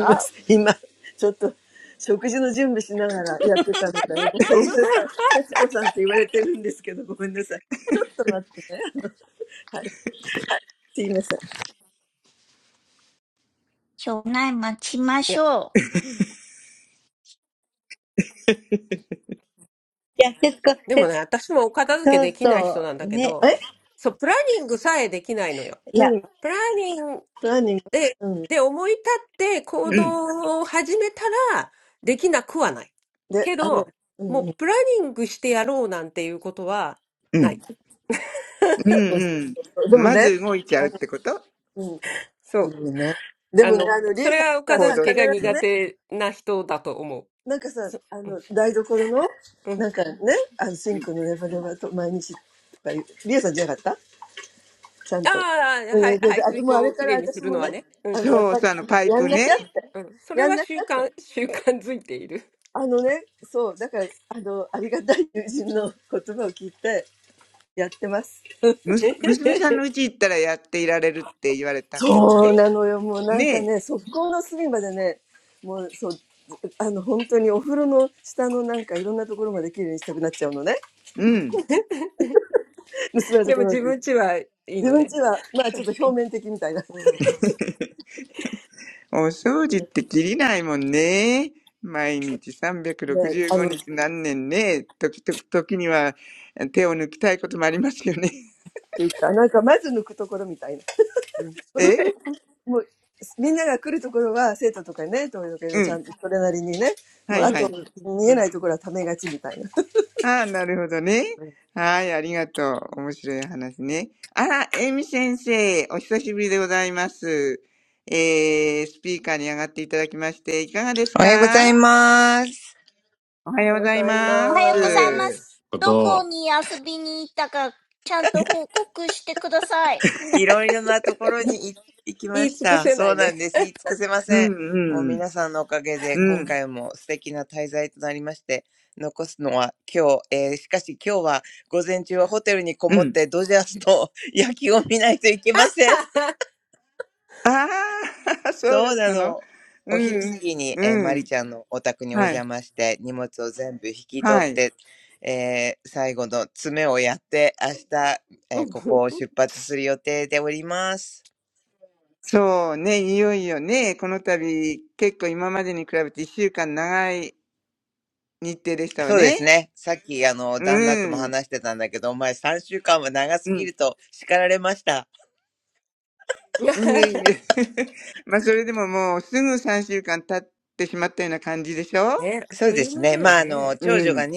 ます。今、ちょっと、食事の準備しながらやってたので、ごめんなさい。節子さんって言われてるんですけど、ごめんなさい。ちょっと待ってね。あのはい。すいません。
いや、でもね、
はい、ありがとうございます。すいません。はい。いや、節子、節、そうそう、ね。いや、
私もお片付けできない人なんだけ
え
ど、そう、プランニングさえできないのよ。
何
プランニング
何
で、
うん。
で、思い立って行
うん、
動を始めたら、できなくはない。
で、
け
あの、
ど、
うん
も
う
う
ん。
プランニングしてやろうなんていうことは
う
ない。
ん、
そうそ
うん。
うそう。でも
ま
ね、
ず動いちゃ
あ
うっ
の、
てこと
うん、
そ
す
う。
ごいね。で
あ
もね、
の、
あの、リ
そ
エ
れ
さん
はお
が
片
行
さ、
動
付
必
け
す
が
る。
ず
苦
ね、
手な人だと思う。
なんかさ、
そ
あの、台所の、
うん。
なんかね、あの、シ
う
ン
ん
クのレバレバと毎日とか言う、リエさんじゃなかったちゃん
あ
と。
あ、は
う
い、
んで、
排
であと
水
も
口
うあれ
をき
か
れ
ら
いにす
私
る
も
のは
ね、
ね。うん
あの、
う
や
ん
っ
そう
ぱり、
そう、あの、パイ
やん
プ
なき
ね。
ゃって、
うん。それ
やん
は
なき
習
ゃって、
慣、習慣づいている。
あのね、そう、だから、あの、ありがたい友人の言葉を聞いて、やってます。
むす、娘さんの家行ったらやっていられるって言われた。
そうなのよ。もうなん
ね
か
え。
ね、側溝の隅までね、もうそう、あの、本当にお風呂の下のなんかいろんなところまで綺麗にしたくなっちゃうのね。
うん。
娘のと
で
こ
も
ろ
自
に。
分ちはいい
自
の
分
ね。
ちは、まあちょっと表面的みたいな。ね、
うん
お掃除ってきりないもんね。毎日
あ
365
の、っ
日何年ね。時々、時には手を抜きたいこともありますよね。
ていうか、なんかまず抜くところみたいな。
うん。
とり
え
あえず、もう、みんなが来るところは生徒とかね、東洋系
う
のちゃん
ん。
とそれなりにね、
は
もう
い
あ
う
は
ん
と
い。
うんうん
見え
う
な
ん。
いところはためがちみたいな。
ああ、なるほどね。
うん
はい、ありがとう。面白い話ね。あら、エミ先生、お久しぶりでございます。えー、スピーカーに上がっていただきまして、いかがで
おはようございます。いろいろなところに行行きました。そうなんです。言い尽くせません。もう皆さんのおかげで今回も素敵な滞在となりまして、残すのは今日、えーしかし今日は午前中はホテルにこもってドジャースの
すかおは
おは
よ
よ
う
う
ご
ご
ざい
ざい
おはようございます。どこに遊びに行ったか、ちゃんと報告してください。チャチャッキーさん質問していいですかチャッキーさんはエミさんと会ったんですかあ、そうなんですか。楽しかったとかえ、どこに行ったんですか何をしたんですか報告しないと喋っちゃいけません。はい。習慣についてですかあーん。
ま
ま
す。
す。
right.
い 言い尽くせないね。
うん、うん、うん、うん。
野球を見ないといけません。
ああ、そう
そうなのお昼過きにえーマリちゃんのお宅にお邪魔して荷物を全部引き取ってえー最後の詰めをやって明日えーここを出発する予定ておりますそうてすねさっきあの旦那とも話してたんたけとお前
だったのうん、うん、はい、はい。
うんうん
そうね、いよいよね、この度、結構今までに比べて一週間長い日程でしたわね。うん。いえいえ。まあ、それでももうすぐ3週間経ってしまったような感じでしょ
ね、あっという間だよね。
うん。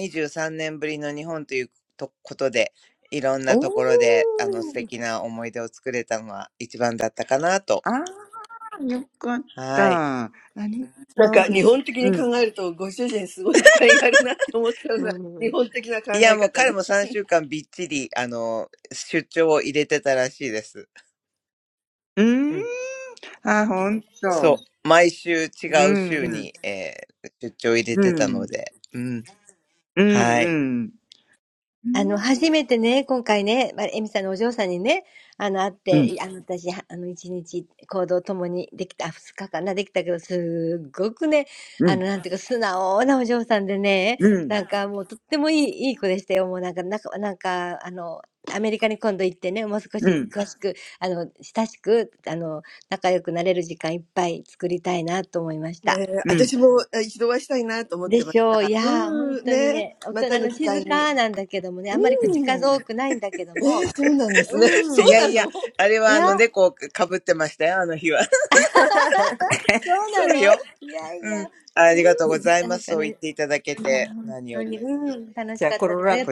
おー。ああ、よかった。あり
なんか
そう
日
です。
本的
う
に
ん。
考えるとご主人すごい理解があるなって思ったよう
う
な日
ん。
本的な考え方ね。
いや、もう彼も3週間びっちり、あの、出張を入れてたらしいです。
うーん。あ、ほんと。うんうん。うん。うんうん。う
あの、初めてね、今回ね、まあ、エミさんのお嬢さんにね、あの、会って、あの、私、はあの、一日行動を共にできた、あ二日かな、できたけど、すっごくね、あの、なんていうか、素直なお嬢さんでね、なんかもう、とってもいい、いい子でしたよ。もうなんか、なんか、なんか、あの、アメリカに今度行ってね、もう少し詳しく、あの、親しく、あの、仲良くなれる時間いっぱい作りたいなと思いました。
ん。うん。うん。うん。う
ねえ、
ん。
私もあ一度お会いしたいなと
でしょう。いやー、本当にね、大人の静かなんだけどもね、あんまり口数多くないんだけども、うん。いや、そうなのいやいや、うん。なんかね、いや、本当に、うん。楽しかったです。ありがとうございました。みんなみんなちっちゃいのよね、彼女に比べたら。そのキュートはね。あれ送らなかったっけあ演奏がね、よく見てよく見て、あったんだけど、先導がうるさすぎてね、吐き気、ほんとあれ、うん。
思 ってました。うん、ねえ、またの機会に。うん。ええ、そうなんですね。そうなの そう。
じゃあ、コロラ、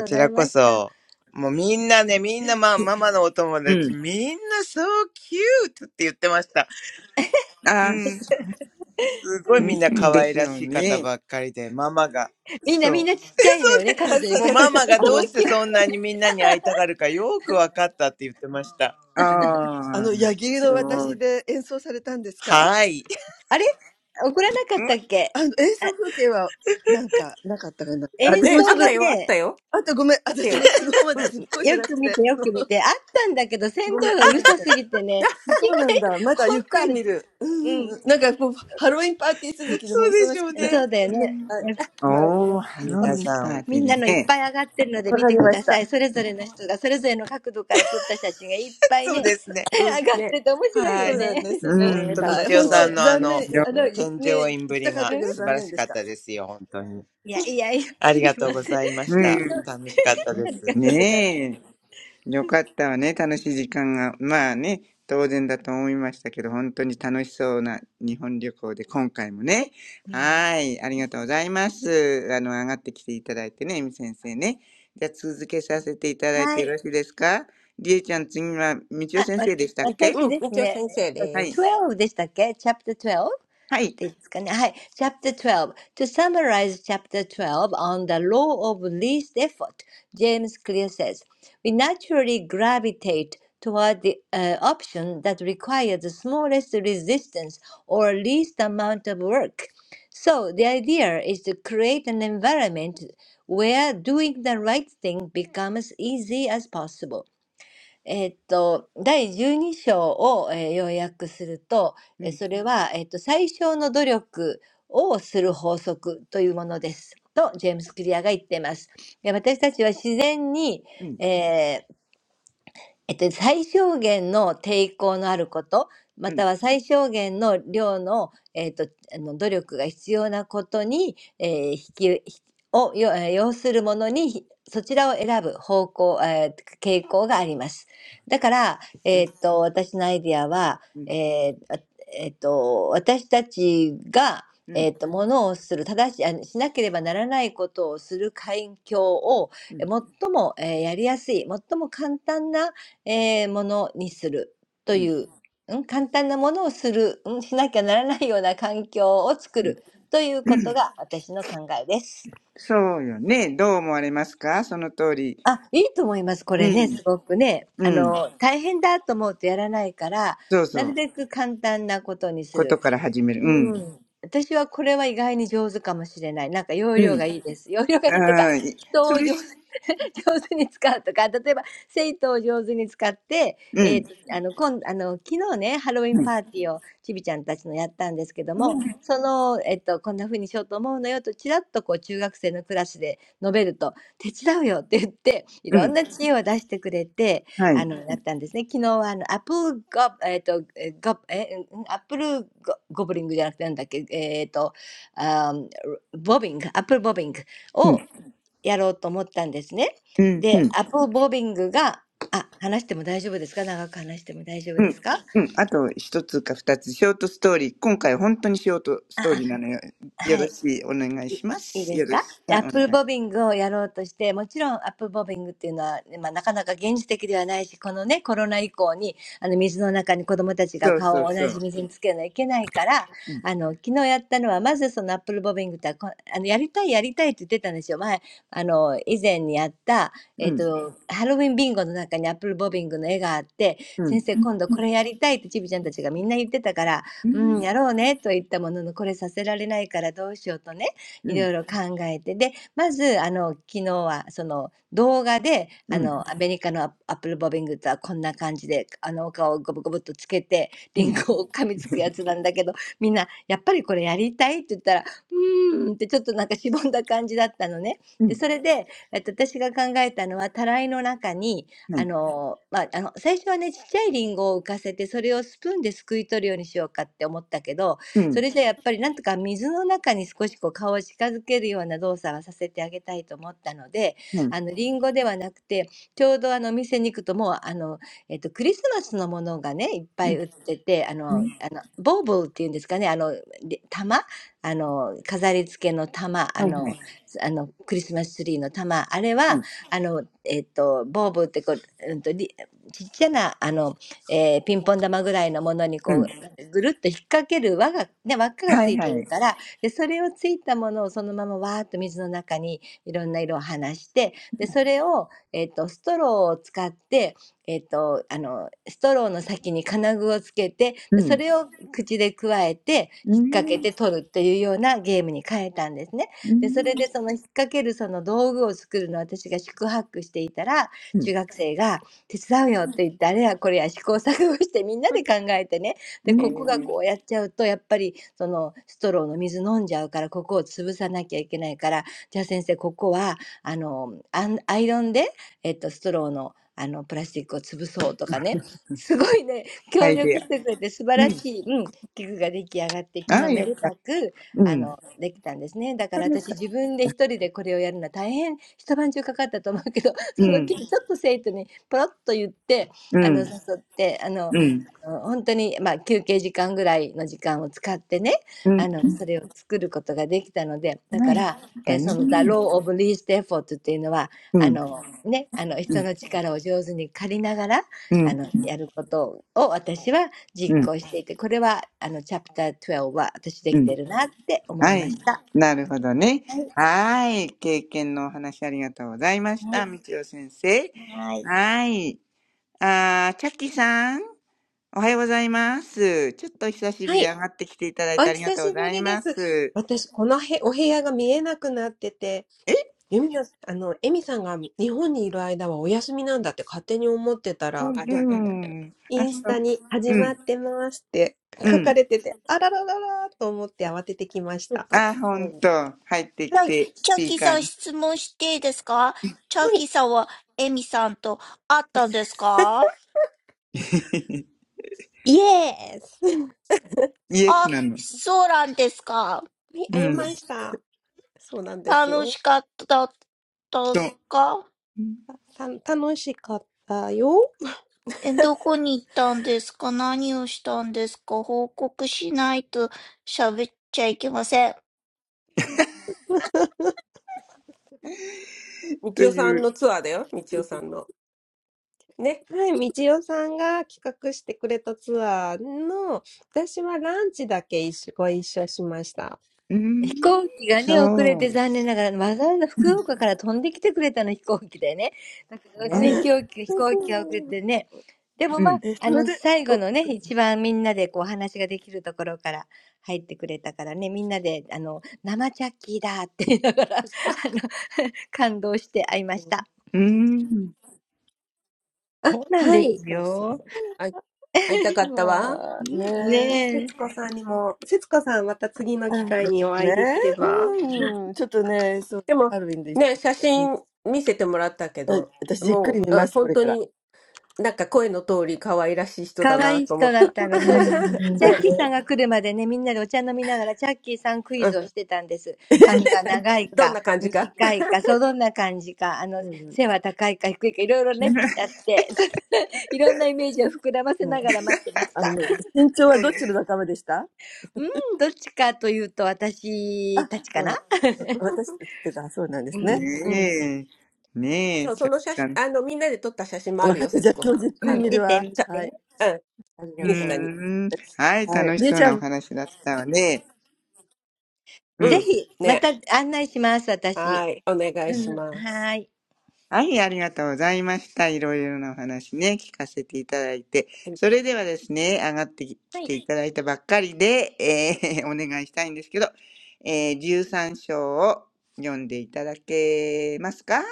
うん。
so cute って言ってました。
あ、
すごいみんな可愛らしい方ばっかりで、ママが。そう。で、そうで、もうママがどうしてそんなにみんなに会いたがるかよくわかったって言ってました。うん。はい。そうでしょうね。うん。皆さん。そうですね。はい。ほんと、みちおさんのあの、添乗員ぶりが素晴らしかったですよ。本当に。ありがとうございました。楽しかったです。
うんでしょうね。
あ、そう、確かに。あの、あ
ああ、
の、ヤギの
そ
私
う。
で演奏されたんですかあの、演奏風景は、なんか、なかったかな。私
え、
もち
あ
ょ
っ
っ
た
と、
よ、あったよ、
あとごめん。
あった
私ね、
よ。
昨日まで
う
す
ん、
っごい忙しくて。あのごめん。まだ見てない。そうなんだ。まだゆっくり見る。うんうんうん。なんかこう、ハロウィンパーティー続きでもう忙しくて。はい。はい。な
お
ん
ー、ハロ
で
ウ
聞
ィ
き
ンパ
ま
ー
し
ティーでね。
たわかりました。
うん、ね、
そうなんです
う
ね。
そうだよね。やっぱみんなのいっぱい上がってるので見てください。それぞれの人がそれぞれの角度から撮った写真がいっぱいね、上がってて面白いよね。うんいやいやいや、すみません。天井ありがとうございます。はい。あ、わ私ですね。えっと、12でしたっけ
ね、
ん。
は
楽
い。
し
本
そう
当、
で。
残
よ
念。
かっ
よ、
あ、だ
た
からい
ね
ね、行きたかったけど残念でした。
うん。ねえ。よかったわね。楽しい時間が。まあね、当然だと思いましたけど、本当に楽しそうな日本旅行で、今回もね。はい。ありがとうございます。あの、上がってきていただいてね、エミ先生ね。じゃあ、続けさせていただいてよろしいですかりえちゃん、次は、みちお先生でしたっ
み
け
うん、みちお先生
は
で
い。
す。
?Chapter 12?
はい。
Chapter 12. To summarize Chapter 12 on the law of least effort, James Clear says, We naturally gravitate toward the uh, option that requires the smallest resistance or least amount of work. So the idea is to create an environment where doing the right thing becomes as easy as possible. えーっと第
うん、うん、
えっと、最小限の抵抗のあること、または最小限の量の、えっと、あの努力が必要なことに、えー引き、引きを、よえー要するものに、ひそちらを選ぶ方向、えー傾向があります。だから、えっと、私のアイディアは、えーあえっと、私たちが、えっと、ものをする、正し、あのしなければならないことをする環境を、え最も、えーやりやすい、最も簡単な
うん、うん、うん、うん、うん、
ええ、ものにするという、うん、簡単なものをする、うん、しなきゃならないような環境を作るということが私の考えです。あ、いいと思います。これね、すごくね。あの、大変だと思うとやらないから、なるべく簡単なことにする。うん。私はこれは意外に上手かもしれない。なんか要領がいいです。要領がいいっていうか、
うん、うん。そうよね。どう思われますかその通り。うん。うん。そうそう。ことから始める。うん。うん。ああ、いそれ、
上手に使うとか、例えば、セイトを上手に使って、えっと、あの、こん、あの、昨日ね、ハロウィンパーティーをちびちゃんたちのやったんですけども、その、えっと、こんな風にしようと思うのよと、ちらっとこう、中学生のクラスで述べると、手伝うよって言って、いろんな知恵を出してくれて、あの、やったんですね。昨日は、あの、アップルゴ、えっと、えーゴ、えー、んアップルゴゴブリングじゃなくて、なんだっけ、えっと、あーボビング、アップルボビング。
うん。はい。うん。はい。うん。うん。うん。うん。
やろうと思ったんですね。で、アップボビングが、あ、話しても大丈夫ですか長く話しても大丈夫ですかあ、あ、はい。
うんあと一つか二つ、ショートストーリー。今回本当にショートストーリーなのよ。よろしい。お願いしま
いいですかアップルボビングをやろうとして、もちろんアップルボビングっていうのは、まあ、なかなか現実的ではないし、このね、コロナ以降に、あの、水の中に子供たちが顔を同じ水につけるのはいけないから、あの、昨日やったのは、まずそのアップルボビングってこあの、やりたいやりたいって言ってたんですよ。前、あの、以前にやった、えっと、ハロウィンビンゴの中にアップルボビングの絵があって、先生、今度これやりたいってちびちゃんたちがみんな言ってたから、うん、やろうねと言ったものの、これさせられないからどうしようとね、
す。よろしい。あ、お願い。そうそうそう。うん。うん。うん。うん。
いろいろ考えて、で、まず、あの、昨日は、その、動画で、あの、アメリカのアアップルボビングとはこんな感じで、あの、お顔をゴブゴブっとつけて、リンゴを噛みつくやつなんだけど、みんな、やっぱりこれやりたいって言ったら、うーんってちょっとなんかしぼんだ感じだったのね。で、それで、えっと、私が考えたのは、たらいの中に、あの、まあ、あの、最初はね、ちっちゃいリンゴを浮かせて、それをスプーンですくい取るようにしようかって思ったけど、
うん。うん。うん。う
それじゃやっぱりなんとか水の中に少しこう顔を近づけるような動作はさせてあげたいと思ったので、あのリンゴではなくて、ちょうどあのお店に行くともうあの、えっと、クリスマスのものがね、いっぱい売ってて、あの、あのボーボーっていうんですかね、あの、で玉あの、飾り付けの玉、あの、あのクリスマスツリーの玉、あれは、あの、えっと、ボーボーってこう、うんと、りちっちゃな、あの、えーピンポン玉ぐらいのものにこう
ん。はい。うん。はい。うん。うんはいはい。はい。うん。
ぐるっと引っ掛ける輪が、ね、輪っかがついてるから、で、それをついたものをそのままわーっと水の中にいろんな色を放して、で、それを、えっと、ストローを使って、えっと、あの、ストローの先に金具をつけて、でそれを口でくわえて、引っ掛けて取るっていうようなゲームに変えたんですね。で、それでその引っ掛けるその道具を作るのを私が宿泊していたら、中学生が手伝うよって言って、あれやこれや試行錯誤してみんなで考えてね、
はいはい。うん。うん。うん。うん。
で、コップがこうやっちゃうと、やっぱりそのストローの水飲んじゃうから、ここを潰さなきゃいけないから、じゃあ先生、ここは、あの、アンアイロンで、えっと、ストローの、あの、プラスチックを潰そうとかね、すごいね、協力してくれて素晴らしい、うん、器具が出来上がって、昨日めでたく、あの、できたんですね。だから私自分で一人でこれをやるのは大変、一晩中かかったと思うけど、その時ちょっと生徒にポロッと言って、あの、誘って、あの、
う
え
ん。
ー、
アイデア。うん。ああ、よかった。うん。うん。うん。うん。うん。ない。だね。
あの、ほんとに、ま、休憩時間ぐらいの時間を使ってね、あの、それを作ることができたので、だから、え、その Law of Least Effort
うん。うん。うん。うん。うん。はい。
っていうのはあのねあの人の力を上手に借りなからあのやることを私は実行していてこれはあのチャフター
なるほどね。はい。経験のお話ありがとうございました。道ち先生。はい。あー、チャッキーさん。おはようございます。ちょっと久し
は
ぶり
い、
上がってきていただい
お
てありが
久
とうご
しぶ
ざい
りで
ま
す。
す。
私、このへ、お部屋が見えなくなってて、ユミナ、あの、エミさんが日本にいる間はお休みなんだって勝手に思ってた
う
ら、
あ、じゃあ、じあ、じあれ、じ
ん。
イ
あ、
ンス
そ
タ
う。
に始
う
まっ
ん。
てますって
う
書か
ん。
れてて、あららららーと思って慌ててきまし
そう
た。
か、
あ、ほん
そう、
と。入って
は
き
い。
て、スピーカーに。
はい。イエース。は
イエスなの。
い、
う
会い
ん。そ
ました。
そうなんですよ。
う。
た、楽しかったよ。
み
と
ちおさ
い
ん
う。
のツアーだよ、みちおさんの。ね。
はい、みちおさんが企画してくれたツアーの、私はランチだけ一緒、ご一緒しました。
うー
飛行機がね、遅れて残念ながら、わざわざ福岡から飛んできてくれたの、飛行機でね。だからね、飛行機、飛行機が遅れてね。でもまあ、あの、最後のね、一番みんなでこう話ができるところから入ってくれたからね、みんなで、あの、生チャッキーだって言いながら、あの、感動して会いました。そうなんですよ。ねえ。
ん。そう。あ、
ね
え、
うん。
え、それで、お、
うん
うーん。
あ、はい。
そうそう。あい、会いたかったわ。
まあ、ね。
節子さんにも、節子さんまた次の機
あ、
会
で
にお
す
会い
ね。
できれば。
うん
うん。ちょっとね、そう、
でも、
ハロウィンで行っ
ね、
てき
写
て。うん
真見せてもらったけ
はい
ど、
私、じっく
も
り見
う、う
ま
ん
す、こ
本
れ
当
から。
になんか声の通り可愛らしい
可愛い人だったの。それで、チャッキーさんが来るまでね、みんなでお茶飲みながら、チャッキーさんクイズをしてたんです。髪が長いか、短いか、そうどんな感じか、あの、背は高いか低いか、いろいろね、やって、そいろんなイメージを膨らませながら待ってました。うん、どっちかというと、私たちかなうん、うん、うん、見て見て。ぜひ、また案内します、私。うん、はーい。
人だなと思った。
うん。う
は
ね。うん、うん。どんな感じか
ん じゃあ、あの、身長は
そう
どっ
なの
ちの仲間でしたあ、そうなん私す私言ってた、そうなんですね。はい。
ねえ。ねえ、
そう、
ち
そ
ゃ
の写真、
ん。
あの、みんなで撮った写真もあ
分
る
かっ
よ、
た。じゃ
節
あ
子
今
さ
日じ
ん。
っく
あ
り見る
の、
わ。
ちゃ、
はい。
うん、
あり
うー
が
インス
と
タ
う。
に。
ん。はい、
はい。
楽し
りえ
そ
ち
う
ゃ
な
ん、
お話だったわね。う
う
ん、
ん。ね。はい。お願いします。
はい、ありがとうございました。いろいろなお話ね、聞かせていただいて。
はい、
それではですね、上がってき
い。
て いただいたばっかりで、えー お願いしたいんですけど、えー13章を読んでいただけますか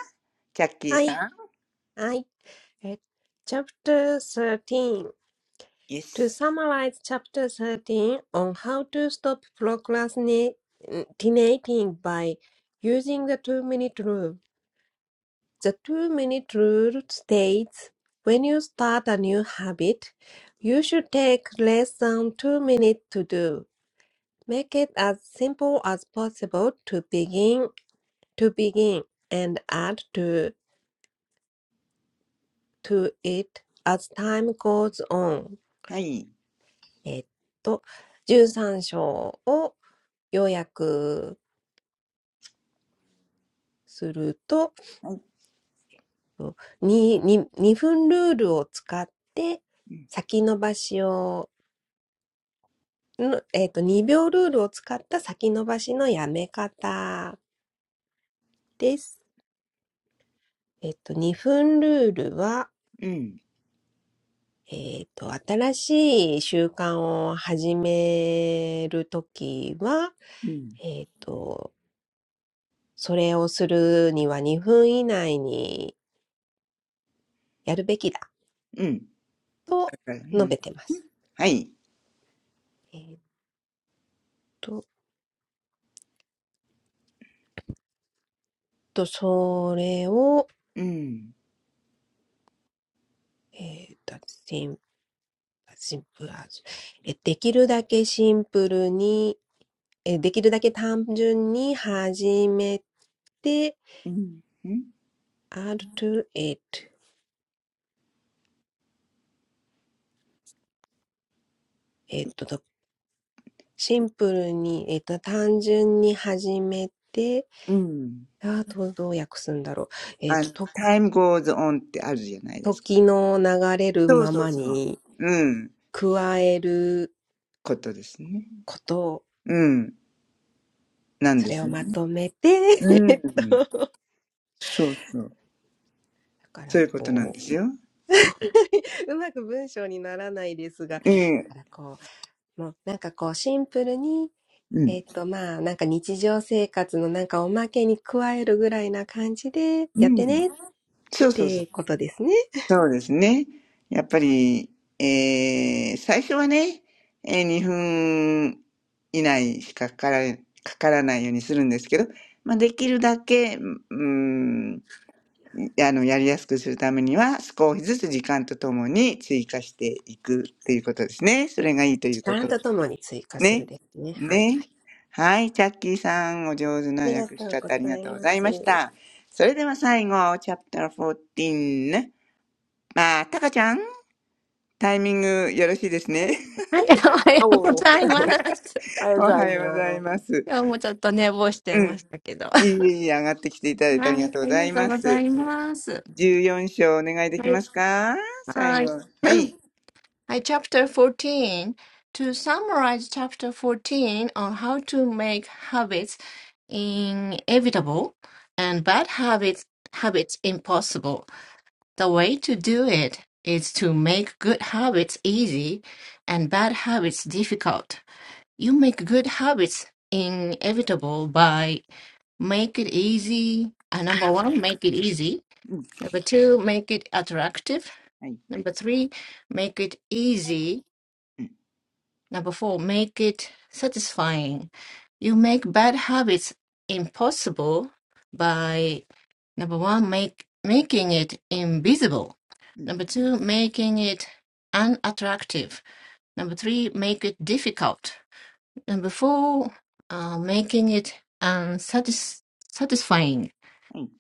チャッキー
はい。
さん。
はい。え Chapter 13.
イエ
To
ス。
summarize Chapter 13 on how to stop procrastinating by using the two-minute rule. The two-minute rule states when you start a new habit, you should take less than two minutes to do. Make it as simple as possible to begin to begin and add to to it as time goes on.
はい。
えっと、13章を要約すると、
はい。
2, 2分ルールを使って
うん。
先延ばしをの、えっと、2秒ルールを使った先延ばしのやめ方です。えっと、2分ルールは、
うん。
えっと、新しい習慣を始めるときは、えっと、それをするには2分以内にやるべきだ
うん。
と
だから、う
述
ん。
べてます。
はい。
えっと、とそれを、
うん。
えっと、シンプル、シンプル、えできるだけシンプルに、えーできるだけ単純に始めて、
うん。うん。
R to エイト、えっと、シンプルに、えっと、単純に始めて、
うん。
あと、どう訳すんだろう。えっ
あの、
と、と、
time goes on ってあるじゃないですか。
時の流れる
そう
ま
そう
ま
そう。
に
うん。
加える
ことですね。
こと
うん、なん
そ
で
れ
す
を
よ
ま
ね。
とめて、
うん、う んそうそう。
だか
そう
ら
いうことなん
こ
で
う、
すよ。
うまく文章にならないですが、
ええ、
だからこう、もうなんかこう、シンプルに
うん、
えっと、まあ、なんか日常生活のなんかおまけに加えるぐらいな感じで
う
やって
ん。
ねっ
そうそうそう。
てことですね。
そうですね。やっぱり、えー、最初はね、えー、2分以内しかかから、かからないようにするんですけど、まあ、できるだけ、うん、あの、やりやすくするためには、少しずつ時間とともに追加していくっていうことですね。それがいいという
時
こ
間
と。
とともに追加する
ね。
ですね。はいはい。
ね。はい、チャッキーさん、お上手
あ
な
りが
訳
と
し
うご
方あり
ざ
が
い
とうご
ま
ざい
す。
ました。それでは最後、チャプター14ね。まあ、タカちゃん、タイミングよろしいですね。
はい、おはようございます。今日もちょっと寝坊しちゃいましたけど。はい、ありがとうございます。はい、はい。
おお、あ りがと
お
うござい
はようござい
ます。
ます。うん。いいいい上がってきていただいてありがとうございます。14章お願いできますか最後。は
Hi,
い。
はい、おはようございます。今日もちょっと寝坊しちゃいましたけど。はい、ありがとうございます。はい。はい。はい、Chapter 14. To summarize Chapter 14 on how to make habits inevitable and bad habits, habits impossible, the way to do it is to make good habits easy and bad habits difficult. You make good habits inevitable by make it easy. Uh, number one, make it easy.
うん。
Number two, make it attractive.
はい。
Number three, make it easy.
うん。
Number four, make it satisfying. You make bad habits impossible by number one, make making it invisible.
うん。
Number two, making it unattractive. Number three, make it difficult. And before uh, making it unsatis-
はい。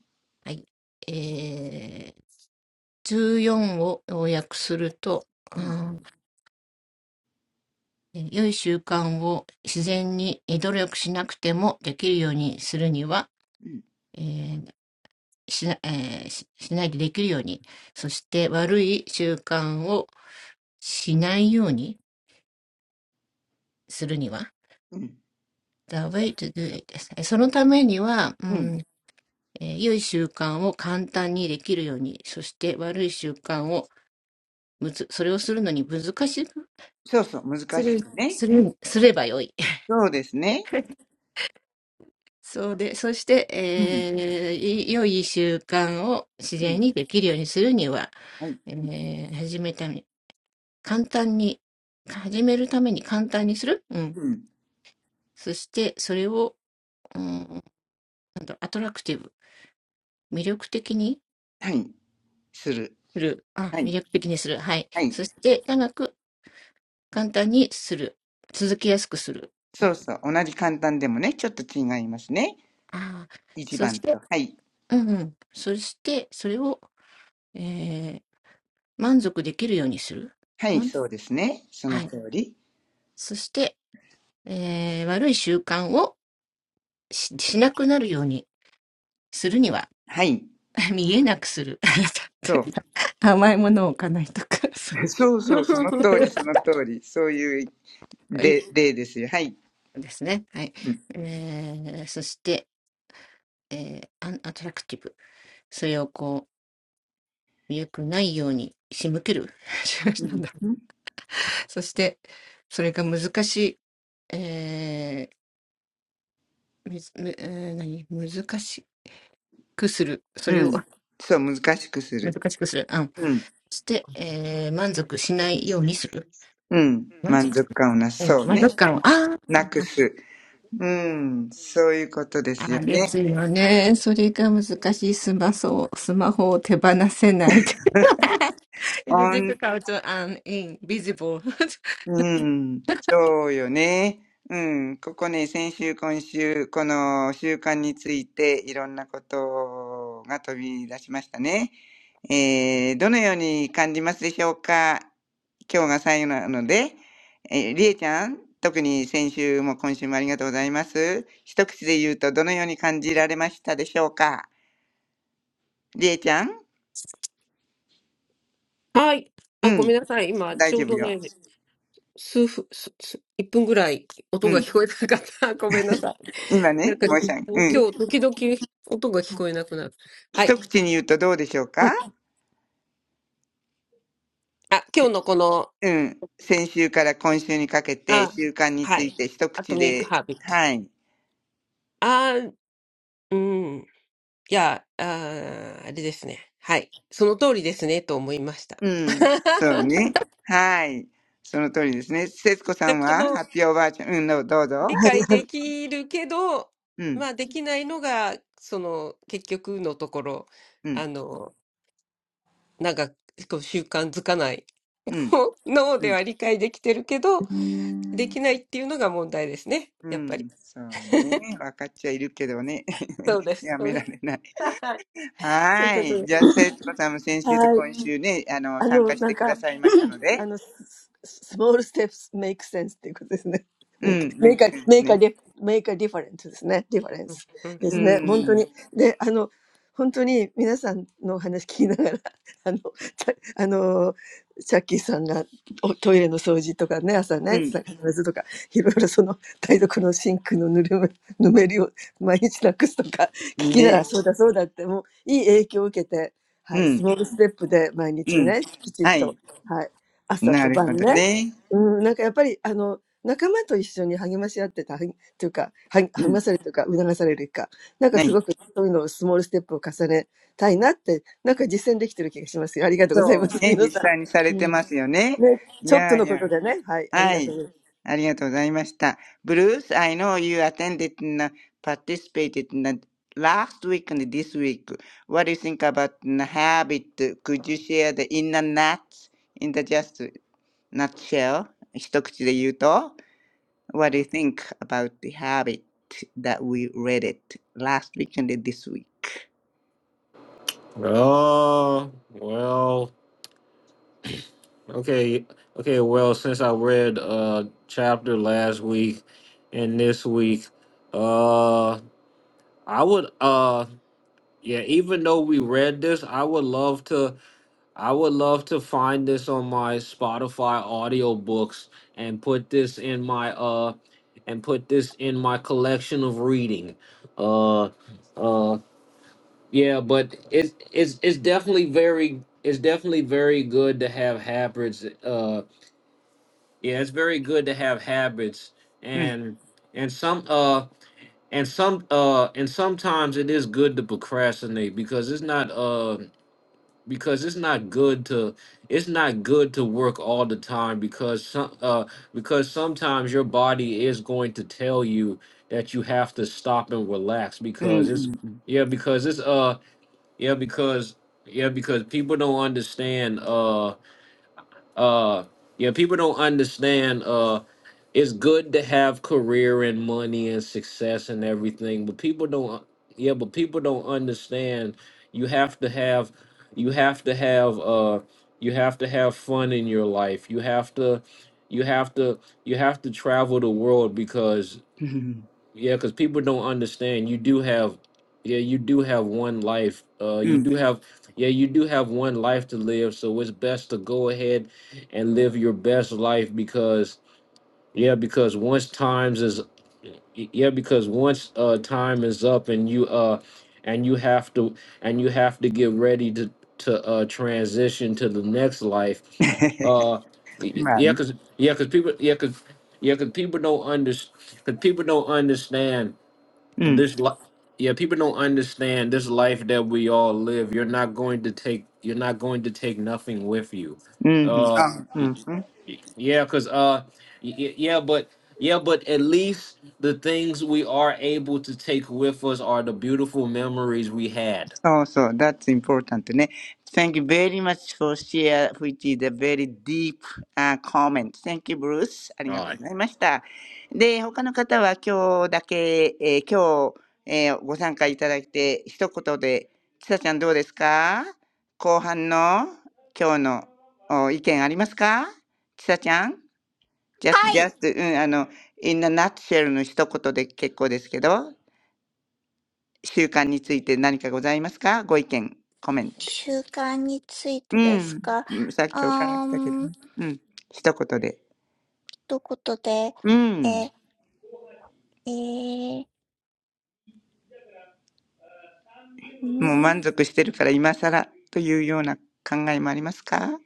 うん。
satisfying、はい。えー、14を要約すると、うん、良い習慣を自然に努力しなくてもできるようにするには、えーしなえーししないでできるように、そして悪い習慣をしないようにするには、The
うん。うん。
way to do it です。そのためには、
うん
えー良い習慣を簡単にできるように、そして悪い習慣をむず、それをするのに難しくする、する、すればよい。そうで、そして、えーい良い習慣を自然にできるようにするには、えー始めため、簡単に、始めるために簡単にする。うん。そして、それを、うん、なんだろうアトラクティブ、魅力的にする。あ、魅力的にする。はい。そして、長く
そうそう。難しくね。そうですね。うん。うん。はい。うん。はい。する。はい。はい。そうそう。同じ簡単でもね、ちょっと違いますね。一番と。はい。はい、そうですね。その通り。
簡単にする。続けやすくする。ああ、そして、うんうん。そして、それを、えー、満足できるようにする。まん、はい。そして、えー、悪い習慣をし、しなくなるようにするには、見えなくする。例えば甘いものを置かないとか、そういうですね。はい。えー、そして、えー、アンアトラクティブ。それをこう、良くないように仕向ける。
はい。そう。そうそう、その通り、その通り。そういう例例ですよ。はい。うん。うん。
So
うんそう、難しくする。うん。うん。満足感をな、そうね。なくす。うん。そういうことですよね。
it's difficult and invisible.
うん、そうよね。うん、ここね、先週、今週、この習慣についていろんなことが飛び出しましたね。えー、どのように感じますでしょうか今日が最後なので、えー、りえちゃん、特に先週も今週もありがとうございます。一口で言うとどのように感じられましたでしょうかりえちゃん
はい。
う
あ、ごめ
ん、
んなさい。今、
大
ちょ
丈
う
夫
ど
よ。
ね、数分、す、す、1分ぐらい音
う
が
ん、
聞こえなかった。ごめんなさい。
今
なん
ね、
か、
申し上
今
げ、うん、
日、時々音が聞こえなくなる。は
一
い。
口に言うとどうでしょう
う
か
ん。あ、今日のこの、
うん。先週から今週にかけて
あ、
習慣に
は
つい
い。
て一
アト
口
ミック・
で、
ハビット。
はい。
あー、うん。いや、あー、あれですね。はい。その通りですね、と思いました。
うん。そう ね。はい。その通りですね。節子さ
で、
ん
こ
は、ハ
の
ッピーおばあちゃん、うん、どうどうぞ。
理
はい、
解
は
できるけど、
うん、
まあできないのが、その結局のところ、
うん、
あの、なんかこう習慣づかない。
うん、
脳
う
で
ん。
は理解できてるけど、できないっていうのが問題ですね。
う
やっぱり。
ん、そうね。分かっちゃいるけどね。
そうで す。
や
そう
め
で
ら
す。
れない。
はい。そういう
は
こと
い。
です。
じゃあ、節子さんも先週と
いはい。
今週ね、あの、
あ
参
の、
加し
なん
てくだ
か、
さいましたの
あ
で。
の、スス small steps make sense っていうことですね。
う
う
make,
ん。
ん、メイ
make
ク
a,
センス
make a,
ね。
dif- make a difference ですね。difference
うん。うん。
で
う
う
す
ん
ね。本当に。
ん、
で、あの、本当に皆さんのお話聞きながら、あの、たあの、チャッキーさんがおトイレの掃除とかね、朝
う
ね、
ん、
必ずとか、いろいろその台所のシンクのぬるむ、ぬめりを毎日なくすとか、聞きなが
ね。
ら、そうだそうだって、もういい影響を受けて、
う
はい、ス
ん、
モールステップで毎
う
日
ん。
ね、きちっ
はい。
とはい朝
な
と
るほ
晩
ど
ね。
ね。
うん、なんかやっぱり、あの、仲間と一緒に励まし合ってた、はぎというか、はぎ
う
励
ん。
まされるというか、促されるか、なんか
は
す
い。
ごくそういうのをスモールステップを重ねたいなって、なんか実践できてる気がしますよ。ありがとうござい
そ
ま
う
す、
ね、
皆
実
さ
際にさ
ん。
れて
うん。
ますよね。
ね、
い
ちょっと
やい
のこと
や。
でね。はい、あり
は
がと
い。
う
ありがとうございました。Bruce, I know you attended and uh, participated in the last week and this week. What do you think about the habit? Could you share the inner nuts in the just nutshell? 一口で言うと、What do you think about the habit that we read it last week and this week?
Oh, well, okay, okay, well, since I read a chapter last week and this week, uh I would uh yeah, even though we read this, I would love to I would love to find this on my Spotify audiobooks and put this in my uh and put this in my collection of reading. Uh uh Yeah, but it's it's it's definitely very it's definitely very good to have habits. Uh, yeah, it's very good to have habits,
うん。
and and some uh and some uh and sometimes it is good to procrastinate because it's not uh because it's not good to it's not good to work all the time because some uh because sometimes your body is going to tell you that you have to stop and relax
うんう
because it's
ん
yeah because it's uh yeah, because yeah, because people don't understand uh uh yeah, people don't understand uh it's good to have career and money and success and everything, but people don't yeah, but people don't understand you have to have you have to have uh you have to have fun in your life. You have to you have to you have to travel the world because
うん
yeah, because people don't understand. You do have, yeah, you do have one life. Uh,
う
you
ん。
do have, yeah, you do have one life to live. So it's best to go ahead and live your best life because, yeah, because once times is, yeah, because once uh time is up and you uh, and you have to and you have to get ready to to uh transition to the next life. Uh, y-
まあ
yeah,
ね。
cause yeah, cause people, yeah, cause yeah, cause people don't understand. Cause people don't understand
うん。
this li- yeah people don't understand this life that we all live you're not going to take you're not going to take nothing with you
うん。
uh
あう
y-
ん。そ
y- yeah because uh y- y- yeah but yeah but at least the things we are able to take with us are the beautiful memories we had
うそう。That's important ね。Thank you very much for share which is a very deep、uh, comment. Thank you, Bruce. ありが
all
とう
right
ございました。で、他の方は今日だけ、えー、今日、えー、ご参加いただいて、一言で、ちさちゃんどうですか後半の今日のお意見ありますかちさちゃん just, just, うん、あの、in a nutshell の一言で結構ですけど、習慣について何かございますかご意見、コメント。うん。うんさっきお伺いしたけどね。うん。一言で。うん。
ということで、え、えー、うーん
もう満足してるから今更というような考えもありますか、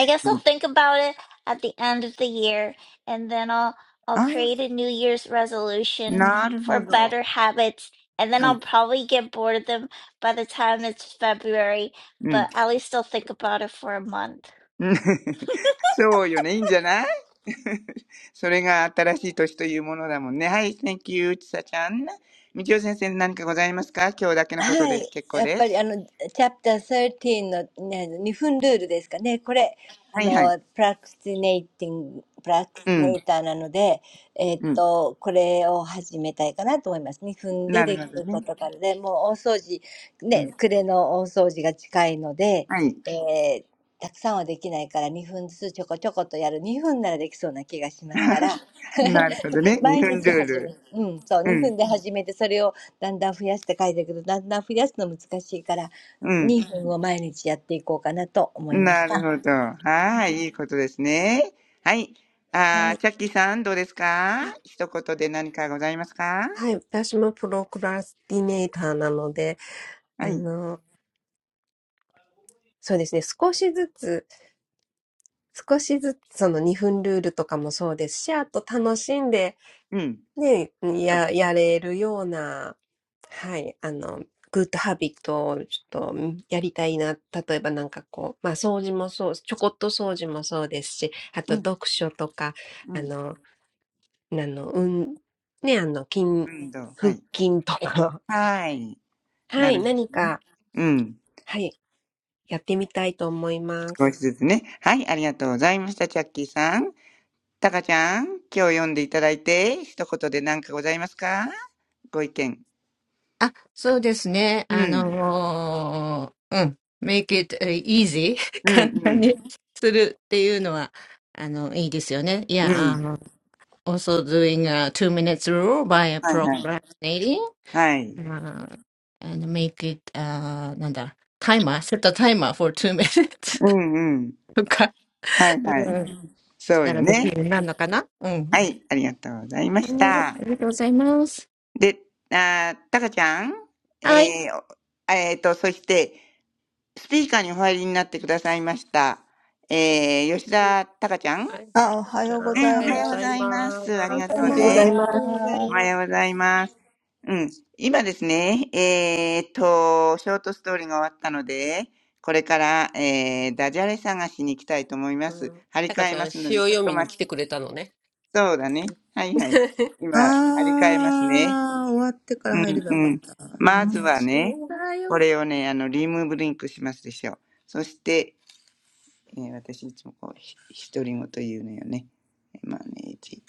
I guess
うん、
I'll think about it at the end of the year, and then I'll I'll
あ、
create a New Year's resolution
なるほ
for
ど。
better habits, and then
はい。
I'll probably get bored of them by the time it's February,
うん。
but at least I'll think about it for a month.
うん そうよね。いいんじゃない それが新しい年というものだもんね。はい、Thank you, ちさちゃん。みちお先生何かございますか今日だけ
はい。やっぱりあの、チャプター13の、ね、2分ルールですかね。これ、あの、プラクティネイティング、プラクティネイターなので、えっと、これを始めたいかなと思います。2分でできることからで、もう大掃除、ね、暮れの大掃除が近いので、えーたくさんはできないから2分ずつちょこちょことやる。2分ならできそうな気がしますから、
のことで結構です。はいはい。うん、うん。なるほどね。うん。はい。なるほどね。日本ルール。うん、うん。な
毎日始める。うん、そう、2分で始めて、それをだんだん増やして書いてあるけど、だんだん増やすの難しいから、2分を毎日やっていこうかなと思いました。
るほど。はい、いいことですね。はい。あー、チャッキーさんどうですか
あ、
一言で何かございますか
はい。私もプロクラスティネーターなので、あ
はい。
の、そうですね。少しずつ、少しずつその2分ルールとかもそうですし、あと楽しんで
うん。
ね、
そうそ
や、やれるような、はい、あの、グッドハビットをちょっとんやりたいな。例えばなんかこう、まあ掃除もそう、ちょこっと掃除もそうですし、あ
う。う
と
ん、
読書とか、
う
あ
ん。
の、あの、うん、ね、あの、筋、
うん、どうは
腹
い。
筋とか、
はい。
は
なる
い、
ほど
何か、
うん。
はい、やってみたいと思いま
少し
す。
ずつね。はい、ありがとうございました、チャッキーさん。タカちゃん、今日読んでいただいて、一言で何かございますかご意見。うん。
あ、そうですね。あのーうん。make it uh, easy
うん、うん。う
簡単にするっていうのは、あの、いいですよね。Yeah,
ん。
um, also doing a two minutes rule by
はい、はい。
procrastinating,
はい。
uh, and make it, uh, なんだ、タイマー、set a timer for two minutes
うん、うん。はい、はい。そうよね。はい、ありがとうございました。
とか、うん、したらできるようになるのかなうん。はい、ありがとうございます。はい。ありがとうございます。あ、出ましたよ、ゆみのさん。
で、あー、タカちゃん、えー、おえーと、そして、スピーカーにお入りになってくださいました。えー、吉田タカちゃん。
はい。
あ、おはようございます。おはようございます。あー、終わってから入ればよかったかな。え、バッドヘビットばっかり反省しに来たんですけど。
うん、おはようございます。ありがとう
ござ
ね。
いま
あ
す。
りがとうござ
お
い
は
ま
ようござい
す。
ます。うん。今ですね、えーっと、ショートストーリーが終わったので、これから、えー、ダジャレ探しに行きたいと思いま
う
す。
ん。
張り
タカ
替え
ちゃ
ま
ん、
すの
詩
で、
を
ちょっ
読
と
みに
待
来
ち、
てくれたのね。
そうだね。はいはい。今、張り替えますね。うんうん。
う
ま
ん、
ずは ね、
そうだ
こ
よ。
れをね、あの、リムブリンクしますでしょう。そして、えー私いつもこう、ひ独り言言うのよね。マネージ。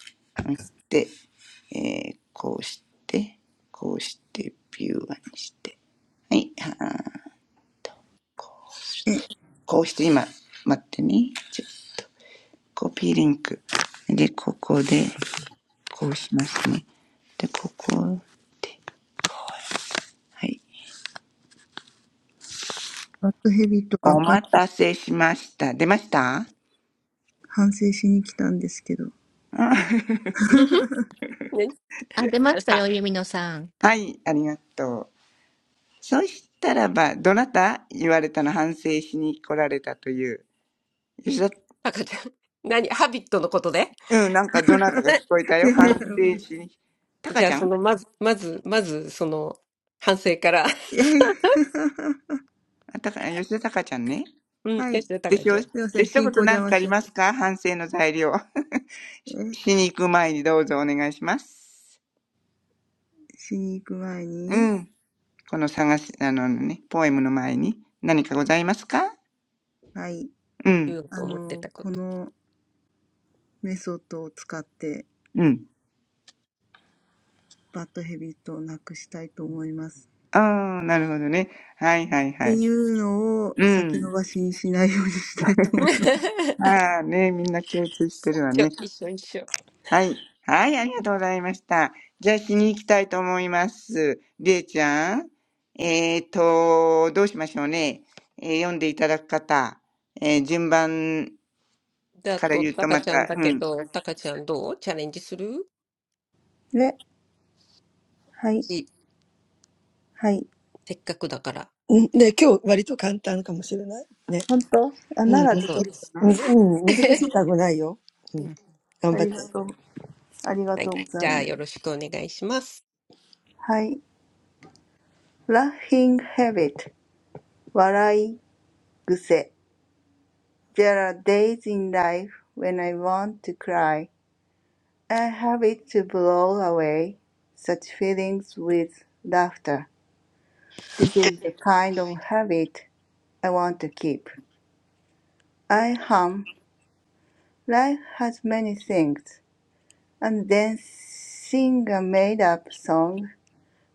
そしてえーこうして、こうして、ビューアにして。はい、あーこうこうして今、待ってね。ちょコピーリンク。で、ここで、こうしますね。で、ここで、はい。お待たせしました。出ました
うんふんね、あさ、
はい、ありがとう。そしたらば、どなた言われたの反省しに来られたという。吉田、
赤ちゃん。何ハビットのことで
うん、なんかどなたか
な、
聞こえたよ。反省しに。タカ
じゃ
ち
あ、
ゃ
そ
ん
の、まず、まず、まず、その、反省から。
あたか、吉田隆ちゃんね。
うん、よし、じゃあ、た
で、
か
ひ
ち
ょ
ゃん。
で、一言何かあります
いやいやいや、はい。すいません、進行邪魔しちゃった。え、しに行く前に、はい。あの、このメソッドを使ってバッドヘビットをなくしたいと思います。っていうのを先延ばしにしないようにしたいと思います。ね、はい。
か反省の材料。ししに行く前にどうぞお願いします。うん。この探し、あのね、ポエムの前に何かございますかう
言お
ん。
うと思ってたこと。
うん。ああ、なるほどね。はいはいはい。うん。ああね、みんな共通してるわ
一緒、
ね。
一緒、一緒。
はい。はい、ありがとうございました。じゃあ、しに行きたいと思います。りえちゃん。えーと、どうしましょうね。えー読んでいただく方、えー順番
だ
から
と、
言う
た
と
か
ま
ち
た、
ゃんだ
う
け
ん。
ど、たかちゃんどうチャレンジするし、せっかくだから。
うん、ね、今日割と簡単かもしれない。ね。うん、本
そう
当。
です。
むずうん、難しい 単語ないよ。うん、
うん、
頑張って。
はい。本当あ、ならできる。ありがとう。ありがとうございます。はい。Laughing
はい。じゃあ、よろしくお願いします。
habit. 笑い癖。There are days in life when I want to cry. I have it to blow away such feelings with laughter. This is the kind of habit I want to keep. I hum. Life has many things. And then sing a made up song.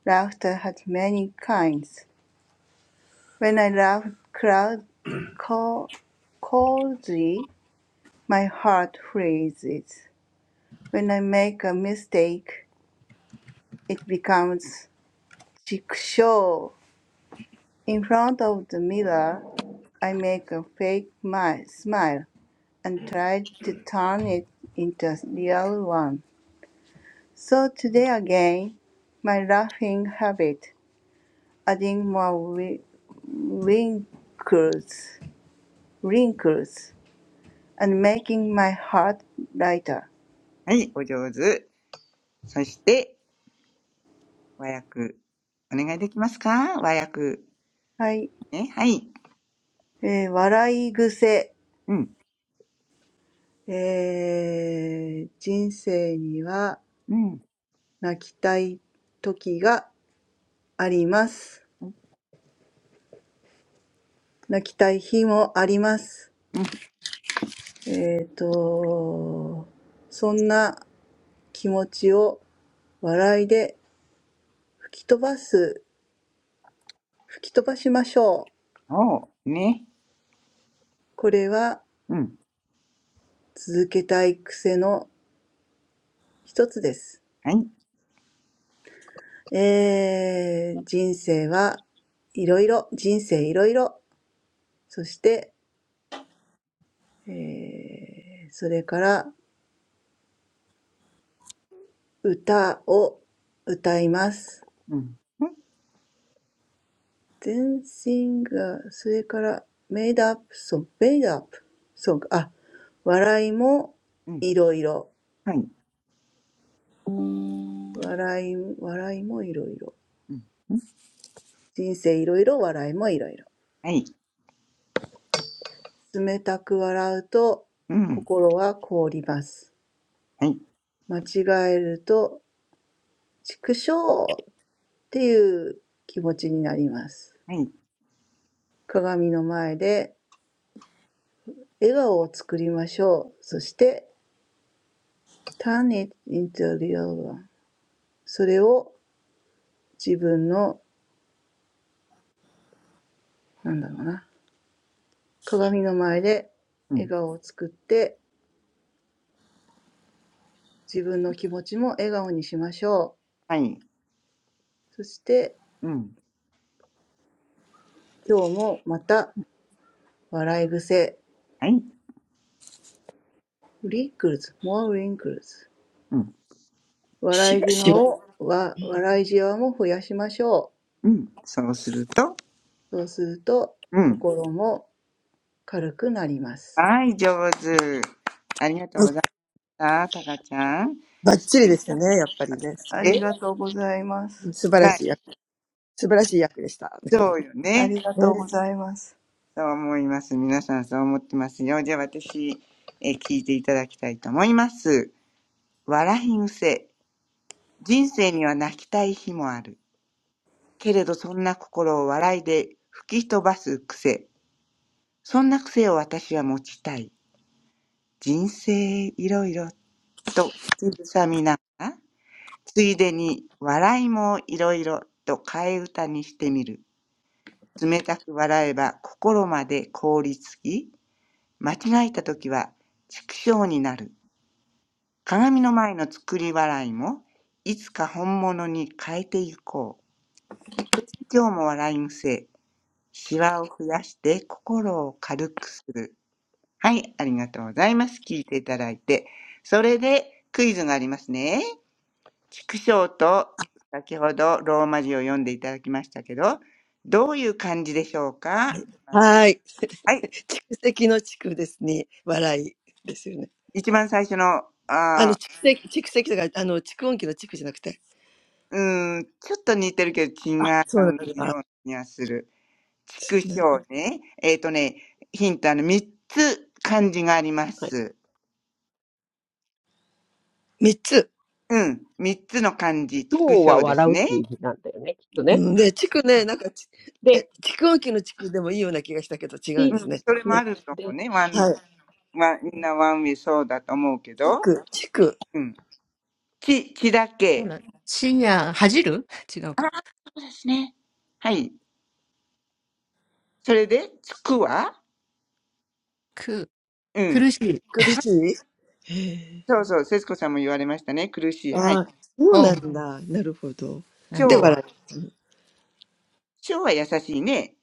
Laughter has many kinds. When I laugh cloud, coldly, my heart freezes. When I make a mistake, it becomes jigsaw. In front of the mirror, I make a fake mi- smile and try to turn it into a real one. So today again, my laughing habit, adding more wi- wrinkles, wrinkles, and making my heart lighter.
はい、お上手。そして、和訳、お願いできますか和訳。
はい。えー笑い癖。えー人生には泣きたい時があります。泣きたい日もあります。えっと、そんな気持ちを笑いで吹き飛ばす、吹き飛ばしましょう。これは続けたい癖の一つです。えー人生はいろいろ、人生いろいろ。そして
ね、はい。うん、うん、うん。うんそうね。うん、はい。
えー、それから歌を歌います。Then
うん、うん、
sing, あそれから made up song, made up song,
うん。はい。うん、はい。うん、
あ、笑いもいろいろ。笑い、笑いもいろいろ。人生いろいろ、笑いもいろいろ。冷たく笑うと心は凍ります。間違えると畜生っていう気持ちになります。鏡の前で
はい。はい。
笑顔を作りましょう。そして、turn it into a real one.
うん、
それを自分の、なんだろうな、鏡の前で笑顔を作って、自分の気持ちも笑顔にしましょう。そして、今日もまた笑い癖、wrinkles,
はい。うん、はい。
more wrinkles.
うん
しばしば。
うん。そうすると、うん。
笑いじわを、わ笑いじわも増やしましょう。そうすると、心も軽くなります。ありがとうございます。ありがとうございます。
はい、上手。ありがとう
うん
ございました、たかちゃん。
ばっちりですね、やっぱりね。素晴らし
え
い。うん素晴ら
な、
しい。素晴らしい役でした。ね。
そうよね。そう思います。皆さんそう思ってますよ。じゃあ私、え聞いていただきたいと思います。笑い癖。人生には泣きたい日もある。けれどそんな心を笑いで吹き飛ばす癖。そんな癖を私は持ちたい。人生いろいろと、つぶさみながら。ついでに笑いもいろいろと替え歌にしてみる。冷たく笑えば心まで凍りつき、間違えた時は畜生になる。鏡の前の作り笑いもいつか本物に変えていこう。そして今日も笑いむせ、シワを増やして心を軽くする。はい、ありがとうございます。聞いていただいて。それでクイズがありますね。畜生と先ほどローマ字を読んでいただきましたけど、どういう漢字でしょうかどなた
はい。
はい。
蓄積の蓄ですね。笑いですよね。
一番最初の、
あの、
あー
蓄積、蓄積だから、あの、蓄音機の蓄じゃなくて。
うーん、ちょっと似てるけど違う
あ、そうなん
よ
だ。
うな気がする。畜
な
生ね。えっ、とね、ヒントあの、三つ漢字がありま
はい。
す。
三つ。
うん。三つの漢字、
今日
畜
は
生で
笑
す
うっ
ね。
ていう字なんだよね、きっと
う
ね。
ん、で、蓄ね、なんかち、え、
で、
蓄音機の蓄でもいいような気がしたけど、違うん
う
で
ピ
す
ん。
ね。
それも
え
あ
ク
ると思う
で
ね。ワ
し
ンの、
は
ゅ
い。
ワンみんなワンウェイそうだと思うけど。
蓄、蓄。
うん。ち、ちだ
So,
け。
sheer, hurt? Different.
ああ、そうですね。はい。それで、つくは
K,
うん。
painful.
苦
はい、
しいへえ。
そうそう、節子さんも言われましたね。苦しい。は
あ
い。
あ、そうな
Oh,
んだ。なるほど。
I
し
で、
ょう
see.
は、
笑い。うん
しょうは優しいね。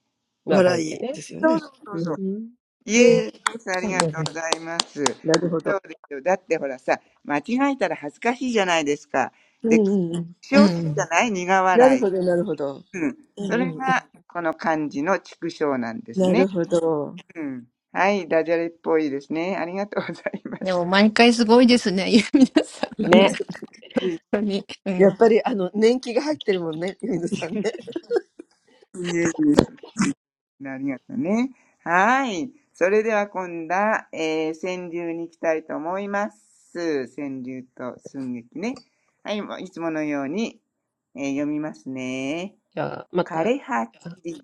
が
笑
来で
い
ね。
ですよ
そう
ね。
そうそう
うん
う
そう。
ん、
ふん。
イエー
へえ。
イあり
う
が
Okay.
ん
とう
Okay.
ございます。そう
なるほど。
ですよ。だってほらさ、間違えたら恥ずかしいじゃないですか。
うん
で、
うんうん
苦笑するじゃない苦
なる
笑い。
ほど、なるほど。
うん。
うん
そ
う
れ
んうん。
が、この漢字の畜生なんです
な
ね。
るほど。
うん。はい。ダジャレっぽいですね。ありがとうございま
Yeah. But
した。
every time, it's amazing, everyone.
ね。
いえい
Really. Yeah.
やっぱり、あの、年季が入ってるもんね、ゆみのさんね。
えいえありがとうね。はい。それでは今度は、えー、川柳に行きたいと思います。川柳と寸劇ね。はい。もういつものように、えー読みますね。
じゃあ、ま
枯
た、
れ葉散
あ、
り。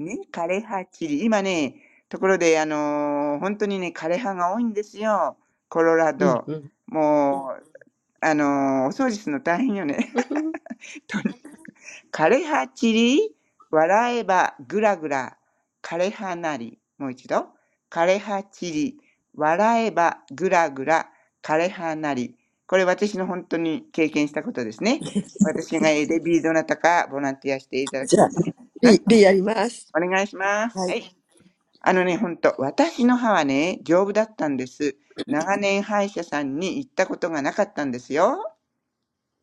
ね。枯れ葉散り。今ね、ところで、あのー本当にね、枯れ葉が多いんですよ。コロラ
うん
ド。
うん。
もう、あのーお掃除するの大変よね。
うんふん。
枯れ葉散り、笑えばぐらぐら、枯れ葉なり。もう一度。枯れ葉散り、笑えばぐらぐら、枯れ葉なり。これ私の本当に経験したことですね。私が ADB どなたかボランティアしていただ
じ
くん
ゃ
で
あ、
すね。な
B、B やります。
お願いします。
は
は
い。
い。あのね、本当私の歯はね、丈夫だったんです。長年歯医者さんに行ったことがなかったんですよ。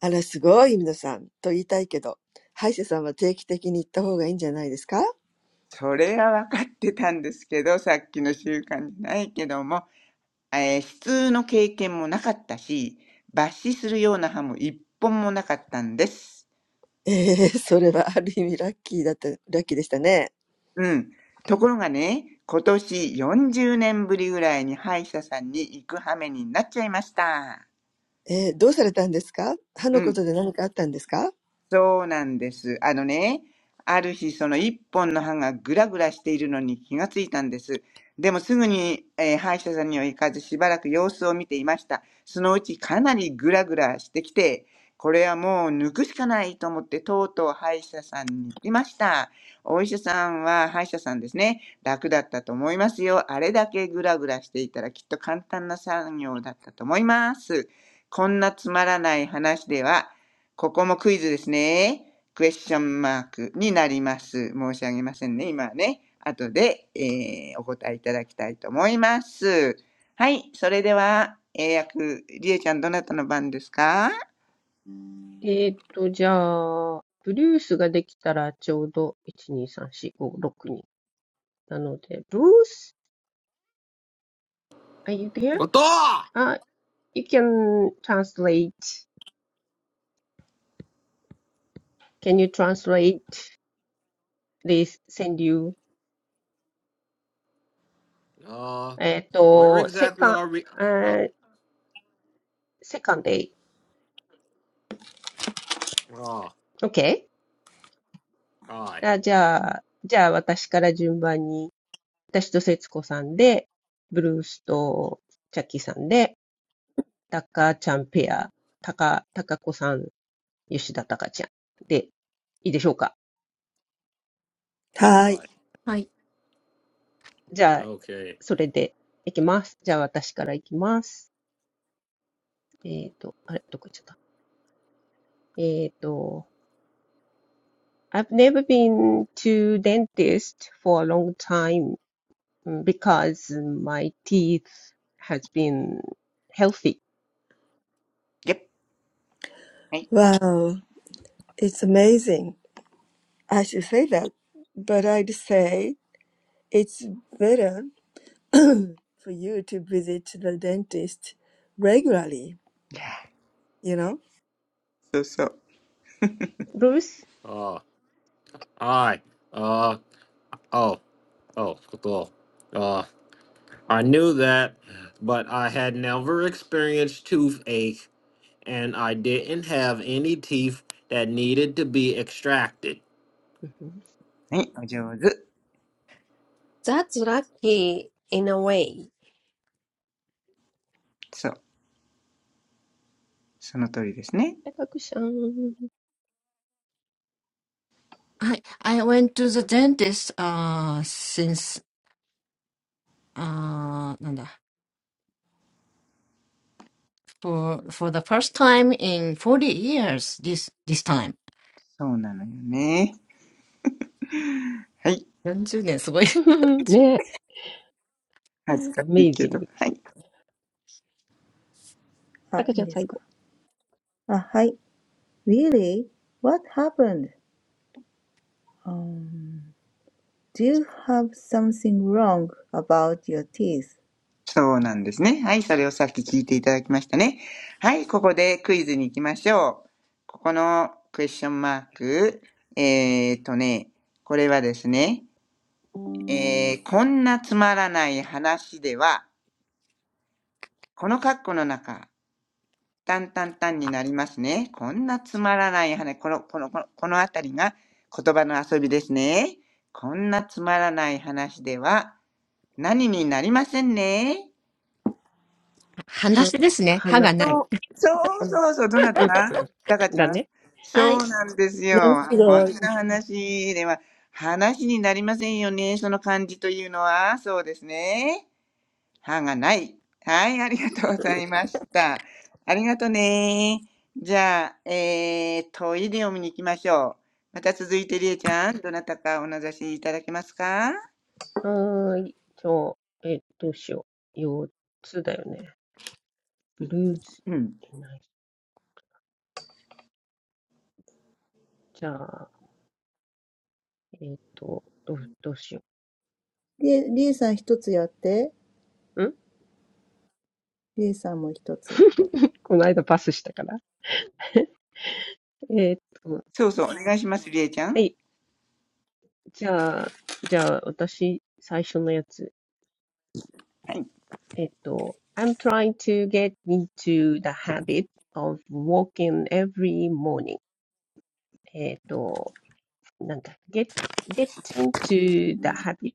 あら、すごい、ゆみのさん。と言いたいけど、歯医者さんは定期的に行った方がいいんじゃないですか
それは分かってたんですけど、さっきの習慣じゃないけども、えー、普通の経験もなかったし、抜歯するような歯も一本もなかったんです。
ええそれはある意味ラッキーだった、ラッキーでしたね。
うん。ところがね、今年40年ぶりぐらいに歯医者さんに行く羽目になっちゃいました。
えー、どうされたんですか歯
う
の
ん
ことで何かあったんですか
そうなんです。あのね、ある日、その一本の歯がグラグラしているのに気がついたんです。でもすぐに、えー歯医者さんには行かずしばらく様子を見ていました。そのうちかなりグラグラしてきて、これはもう抜くしかないと思ってとうとう歯医者さんに行きました。お医者さんは歯医者さんですね。楽だったと思いますよ。あれだけグラグラしていたらきっと簡単な作業だったと思います。こんなつまらない話ではここもクイズですね。クエスチョンマークになります。申し上げませんね、今はね。後で、えーお答えいただきたいと思います。はい、それでは、英訳、りえちゃん、どなたの番ですか
えーっと、じゃあ、ブルースができたらちょうど、1、2、3、4、5、6人。なので、ブルース、are you there?
What the-
あ、you can translate. Can you translate? please send you
uh
えっ
where
と、セ
exactly
カン、
are we
え
uh
ー、セカンデイ。
oh all
OK?
right
あ、じゃあ、じゃあ私から順番に、私と節子さんで、ブルースとチャッキーさんで、タカちゃんペア、タカ、タカ子さん、吉田タカちゃんで、いいでしょうか
に
は
all
い。
right
Yes.
じゃあ、
okay
それでいきます。じゃあ私からいきます。えっと、あれ、どこ行っちゃったえっと、I've never been to dentist for a long time. mm, because my teeth has been healthy.
ゲッはい。
Wow, it's amazing. I should say that, but I'd say it's better for you to visit the dentist regularly, you know?
そうそう。
ブルース、
uh all right Oh, oh, cool. Uh, I knew that, but I had never experienced toothache, and I didn't have any teeth that needed to be extracted.
m h
はい、お上手。
That's lucky in a way.
そう、その通りですね。
タカクちゃん。
Yes. I went to the dentist uh, since, ah, what is it? For for the first time in forty years. This this time.
そうなのよね。はい、
Forty years, amazing. It's a
ねえ、
恥ずかしいけ
Amazing
ど。
で
はい。
す。タカちゃん最後。
あ、いいですか。あ、はい。Really? What happened? Um, do you have something wrong about your teeth?
そうなんですね。はい、それをさっき聞いていただきましたね。はい、ここでクイズに行きましょう。ここのクエスチョンマーク。えーっとね、これはですね、えー、こんなつまらない話では、この括弧の中、タンタンタンになりますね。こんなつまらない話、この、この、この、このあたりが言葉の遊びですね。こんなつまらない話では、何になりませんね。
story. No teeth.
そうそうそうそう、どなたタカちゃんそ
Yes.
うなんですよ。
なんかす
こん
ごい、
な話では話になりませんよね。その感じというのは、そうですね。歯がない。はい、ありがとうございました。ありがとね。じゃあ、えー、トイレを見に行きましょう。また続いて、りえちゃん、どなたかお名指しいただけますか
はーい。じゃあ、え、どうしよう。4つだよね。ブルース
うん。
いない。じゃあ、えーっと、どうどうしよう。ん
で、リエさん一つやって。リエさんも一つ。はい。New
この間パスしたから。えーっと、
そうそう、お願いします、りえちゃ
は
ん。
い。じゃあ、じゃあ、私、最初のやつ。
はい。
えーっと、I'm trying to get into the habit of walking every morning. えーっと、なんだ、get, get into the habit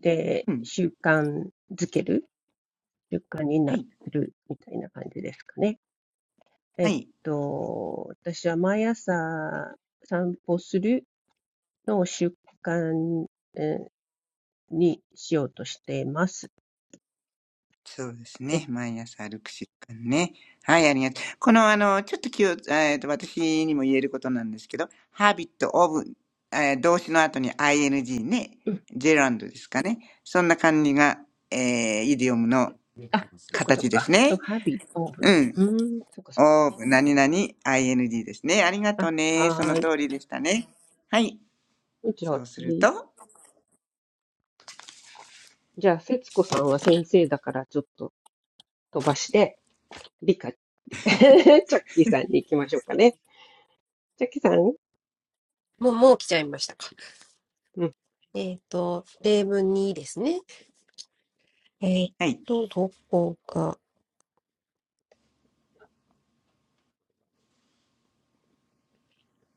で
うん。
習慣づける、習慣に
は
な
い。
るみたいな感じですかね。え
は
ーっ
い。
と、私は毎朝散歩するの習慣えーにしようとしています。
そうです
はい。
ね。毎朝歩く習慣ね。はい、ありがとう。この、あの、ちょっと気を、えっと、私にも言えることなんですけど、ハビット、オブ、えー動詞の後に ing ね、
うん。
ジェランドですかね。そんな感じが、えー、イディオムの
あ、そっかそ
形
っ
です
か。と、
ね。
h a b
うん。
うーん、そっかそっか。
オブ、何々、ing ですね。ありがとう
あ、
ね。その
はーい。
通りでしたね。はい。
じゃ
そ
あ
うする
次。
と、
じゃあ、節子さんは先生だからちょっと飛ばして、理科、チャッキーさんに行きましょうかね。ジャッキさん、
もう、もう来ちゃいましたか。
うん。
えっと、例文2ですね。えーっ
はい。
と、どこか。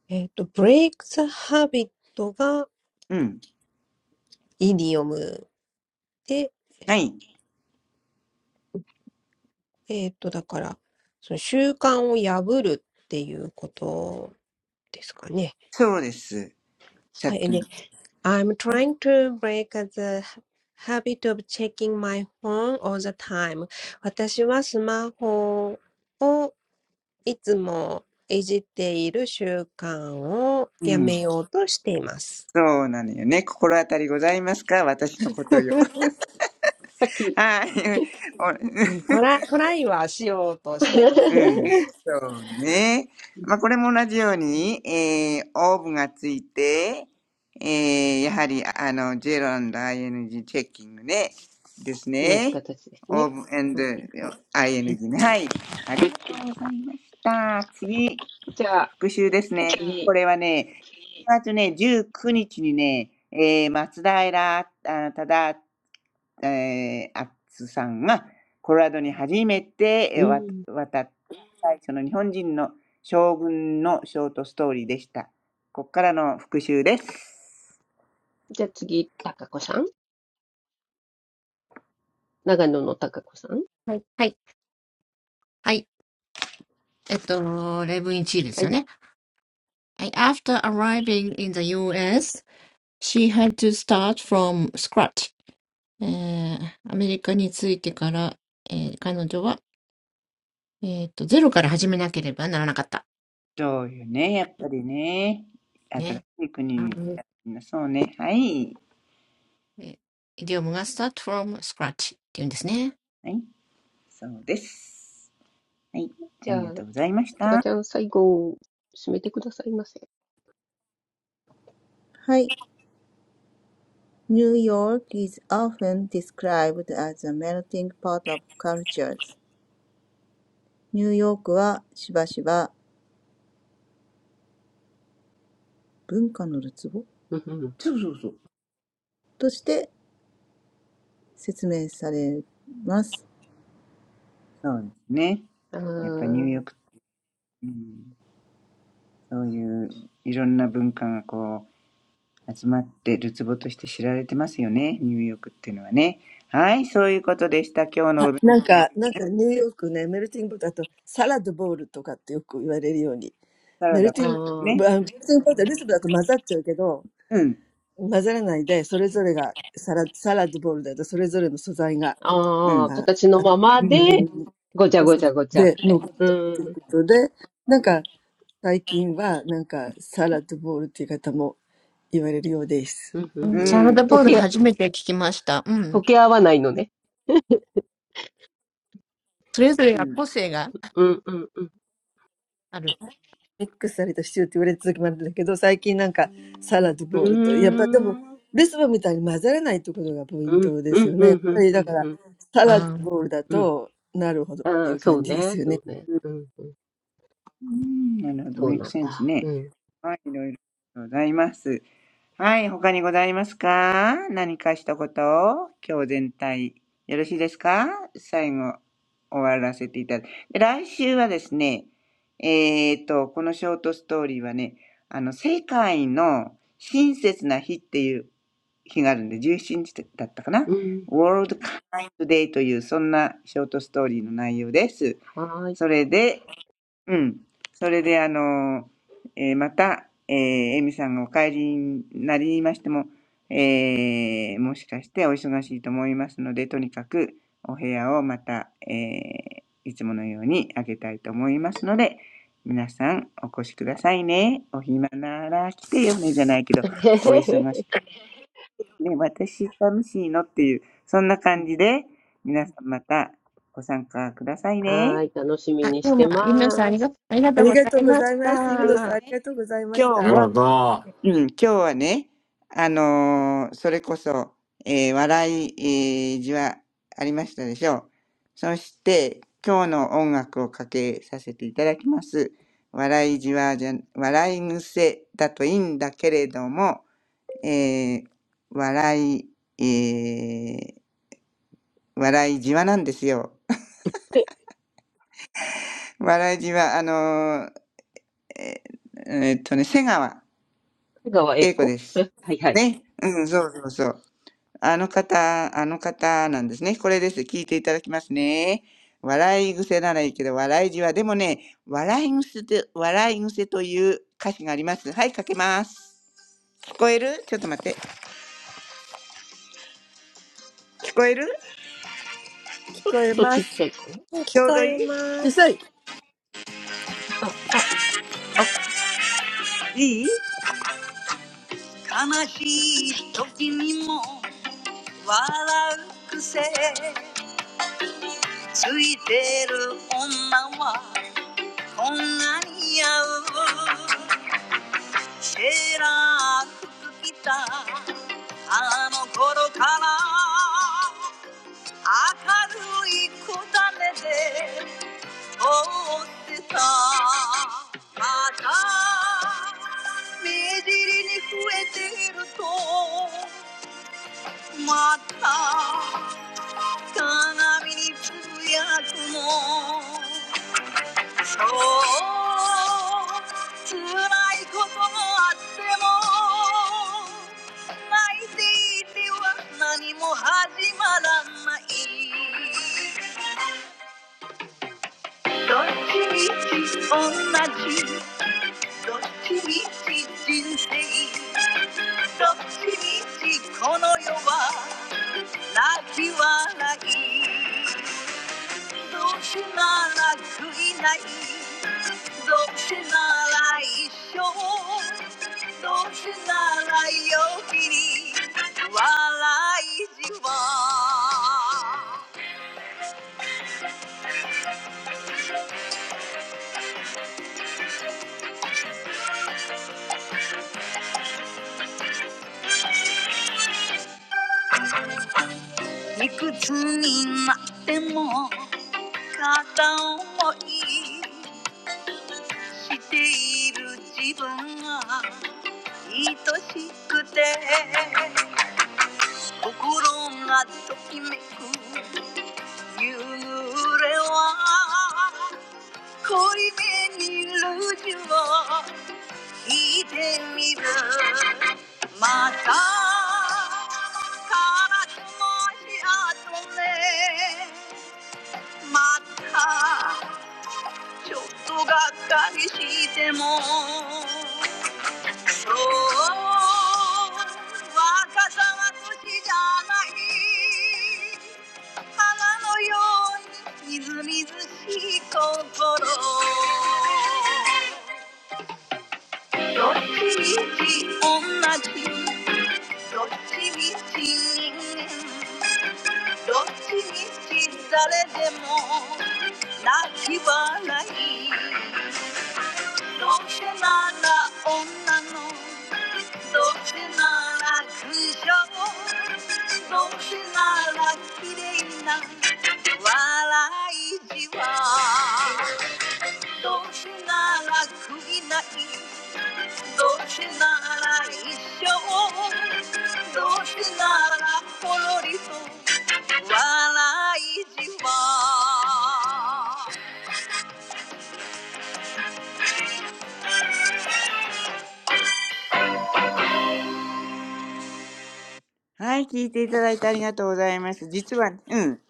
えーっと、break the habit が
うん。
イディオムで、
はい。
えーっと、だから、その習慣を破るっていうことですかね。
そうです。さ
は
っ
い。
きの。
で、I'm trying to break the habit of checking my phone all the time. 私はスマホをいつもいじっている習慣を
う
や
ん
めようとしています。
そうなのよね。心当たりございますか私のことよ。
さっ き。
はい。
うん
お
トラ、トライはしようとしてます
う
ね。
ん。そうね。まあ、これも同じように、えー、オーブがついて、えー、やはり、あの、ジェロ &ing チェッキングね。です
同じ
ね。
形です
オー
ね。
ブ
はい。うん、
&ing ね。はい。ありがとうございました。次、
じゃあ、
復習ですね。こ
次。
れはね、1月ね、19日にちにね、えー、松平あ忠ええ、アッツさんがコロラドに初めて、え、
う
わ
ん。
渡った最初の日本人の将軍のショートストーリーでした。こっからの復習です。
じゃあ次、たかこさん。長野のたかこさん。
はいはいはいえっと例文
はい。
arriving in the US, she had to start from scratch. えー、アメリカに着いてから、えー、彼女は、えーっと、ゼロから始めなければならなかった。ね。あの、えーイディオムが
そうよね、やっぱりね。新しい国に来たそうね。はい。
start from scratch っていうんですね。
はい、そうです。はい、
じ
あ
ゃ
りがと
あ、
うございまし
たか
た。
ちゃん、最後、締めてくださいませ。
York is often described as a melting pot of cultures. ニューヨークはしばしば文化のるつぼとして説明されます。
うんうん。
そうそうそう。そうですね。やっぱニューヨークうん、そういういろんな文化がこう集まってるツボとして知られてますよね。ニューヨークっていうのはね。はい、そういうことでした。今日のお
な
弁
なんか、なんかニューヨークね、メルティングポット、あとサラダボールとかってよく言われるように、
当サラ
メル
ダ
テ
あー、
ィン
あー、
ね。
グ、あメルティングポット、ルースブだと混ざっちゃうけど、
うん、
混ざらないで、それぞれがサラ、サラダボールだとそれぞれの素材が、
う
あー、
ん、
あ
形の
あの
まま
う
で、
ん
ごちゃごちゃごちゃっ
で、
て。
残っ
う
てるって
ん。
いうことで、なんか最近はなんかサラダボールっていう方も言われるようです。
うん
うんサラダボール初めて聞きました。うん。それぞれが個性がある。うん。あ、今日も、ゆめさんありが、ありがとうございました。はい皆さんのおかげで、皆さんと会えて、あの、本当にありがたいです。ありがとうございます、ゆみのさん。うん。うん私も今回、あの、エミさんと初めて会って、エミさんと、はい。マリさんと、リカさんに初めて会って、うん。楽しかったです。はい。みちおさん、ありがとうございます。皆さん。
うんうん。
うん、
溶
すごい。
け、溶け合わないのね。
うん、
うんうんうん。
ミックスされたシチューって言われた時もあるんだけど、最近なんかサラと
う
ボールと、やっぱでも
ーん。
レストランみたいに混ざらないってことがポイン
うん
トで
う
す
ん
よ
う
ね。やっ
んう
ぱ
ん
り
う
だ
ん
から、
うん
サラとボールだ
うん。
と、なるほどって
あ
い
あ、
う
そう
感じです
ね、
よ
そ
ね。
うね。うんうん。
うんなるほど、
そ
メ
う
イク
なん
センス
だ。
ね。
うん。
はい、いろいろございます。はい、他にございますか何か一言、今日全体、よろしいですか最後、終わらせていただき。で来週はですね、えーと、このショートストーリーはね、あの、世界の親切な日っていう日があるんで、17日だったかな
うん。
?World Kind Day という、そんなショートストーリーの内容です。
はーい。
それで、うん。それで、あの、えーまた、えー、エミさんがお帰りになりましても、えーもしかしてお忙しいと思いますので、とにかくお部屋をまた、えーいつものようにあげたいと思いますので、皆さんお越しくださいね。お暇なら来てよねじゃないけど、お忙 しく、ね、私寂しいのっていう、そんな感じで、皆さんまたご参加ください
は
ね。
ーい。楽しみにしてます。
ありがとうございます。イム
そ
ノ
れで
さん、あり
ね、
がとうございま
今
した。
日はうん、今日はね、あのーそれこそ、えー笑い、えー、字はありましたでしょう。そして、今日の音楽をかけさせていただきます。笑いじわじゃ、笑い癖だといいんだけれども、えー笑い、えー笑いじわなんですよ。笑いじわ、あのーえーえーっとね、瀬川
香川栄
栄子
子
です。
え、はいはい。
ね。うん、そうそうそう。あの方、あの方なんですね。これです。聞いていただきますね。笑い癖ならいいけど、笑いじわ。でもね、笑い癖と、笑い癖という歌詞があります。はい、かけます。聞こえるちょっと待って。聞こえる
聞こえ
と
ま
ちっちゃ
す。
いかな。
うん聞
ちょう
こ
どい
え
主
ます。
催、
あ、あ、
いいい悲しい時にも笑う癖ついてる女はこんなに合うシェラー服着たあの頃から明るい子種で通ってたまた目尻に増えてるとまた鏡につぶやくのそう辛いこともあっても泣いていては何も始まらないどっちみち同じどっちみち人生どっちみちこの世は泣き笑いどうせなら悔いないどうせなら一生どうせなら陽気に笑いじわいくつになっても片思いしている自分が愛しくて心がときめく夕暮れは恋めにルージュを聞いてみるまたからしもしあとねまたちょっとがっかりしてもそう若さは年じゃない花のようにみずみずしい心どっちみち同じどっちみちどっちみち誰でも泣き笑いどうせなら女のどうせなら苦情どうせなら綺麗な笑いじわどうせなら悔いないどうせなら一生どうせならほろりと笑いじまはい、聞いていただいてありがとうございます。実は、うん、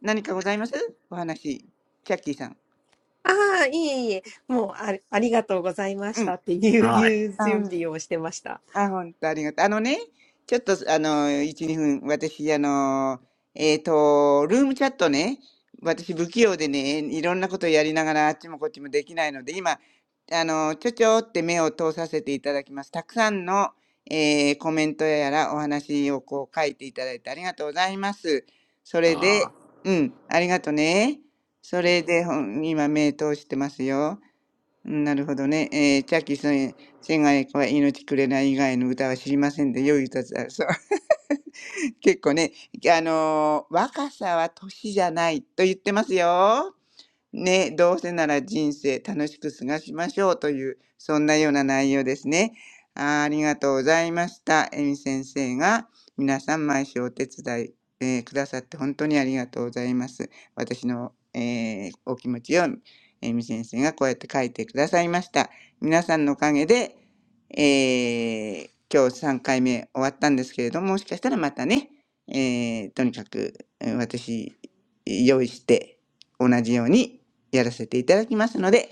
何かございますお話、キャッキーさん。
ああ、いえいえ、もうあ、ありがとうございま
う
し
ん。
たって
Uh,
いう、
hi.
いう
あのね
準備をしてました。
あ、本当ありがとう。あのね、ちょっと、あの、1、2分、私、あの、えっと、ルームチャットね、私、不器用でね、いろんなことやりながら、あっちもこっちもできないので、今、あの、ちょちょって目を通させていただきます。たくさんの、えーコメントやらお話をこう書いていただいてありがとうございます。それ
Uh,
で、うん、ありがとね。それで、ほん今、目通してますよ。なるほどね。えーチャッキーさんへ、せがれは命くれない以外の歌は知りませんで、良い歌だ。そう、結構ね、あの、若さは年じゃないと言ってますよ。ね、どうせなら人生楽しく過ごしましょうという、そんなような内容ですね。あありがとうございました。えみ先生が皆さん毎週お手伝い、えーくださって本当にありがとうございます。私の、えーお気持ちをえみ先生がこうやって書いてくださいました。皆さんのおかげで、えー今日3回目終わったんですけれども、もしかしたらまたね、えーとにかくえー私用意して同じようにやらせていただきますので、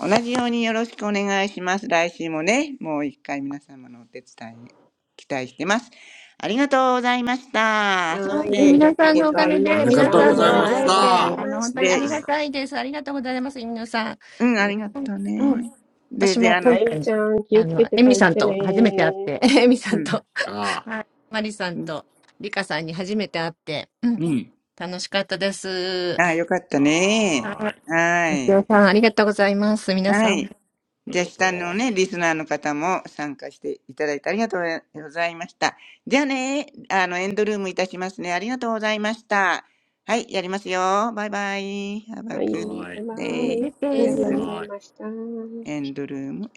同じようによろしくお願いします。来週もね、もう一回皆様のお手伝い期待してます。ありがとうございました。そ
はー
し
い。あり
て、
がとう
い
ご
つも
ざい
の、
ま
あ
し
りが
た。
と
arigatou
うご
あり
ざい
が
まし
とう
た。
ござ
gozaimashita.
い
あ
まし
で、
た。
しうん、あ
り
りがとう
Hi.
ね。で、で、あの、
あゆみちゃん、気をつけて帰ってね
うん、
Ah,
うん、うん。ああ、よかったね。
hi.
はい。はい。じゃあ下の
Arigatou.
ね、リスナーの方も参加していただいてありがとうございました。じゃあね、あの、エンドルームいたしますね。ありがとうございました。はい、やりますよ。バイバイ。Have a
はい、
good
Hi.
バイバ
Have a
day.
イ。
good
あり
が
が
エ
とうご
ン
と
ざ
う
い
ド
ま
ご
day.
す。
ざ
Hi.
いました。
エンドルーム。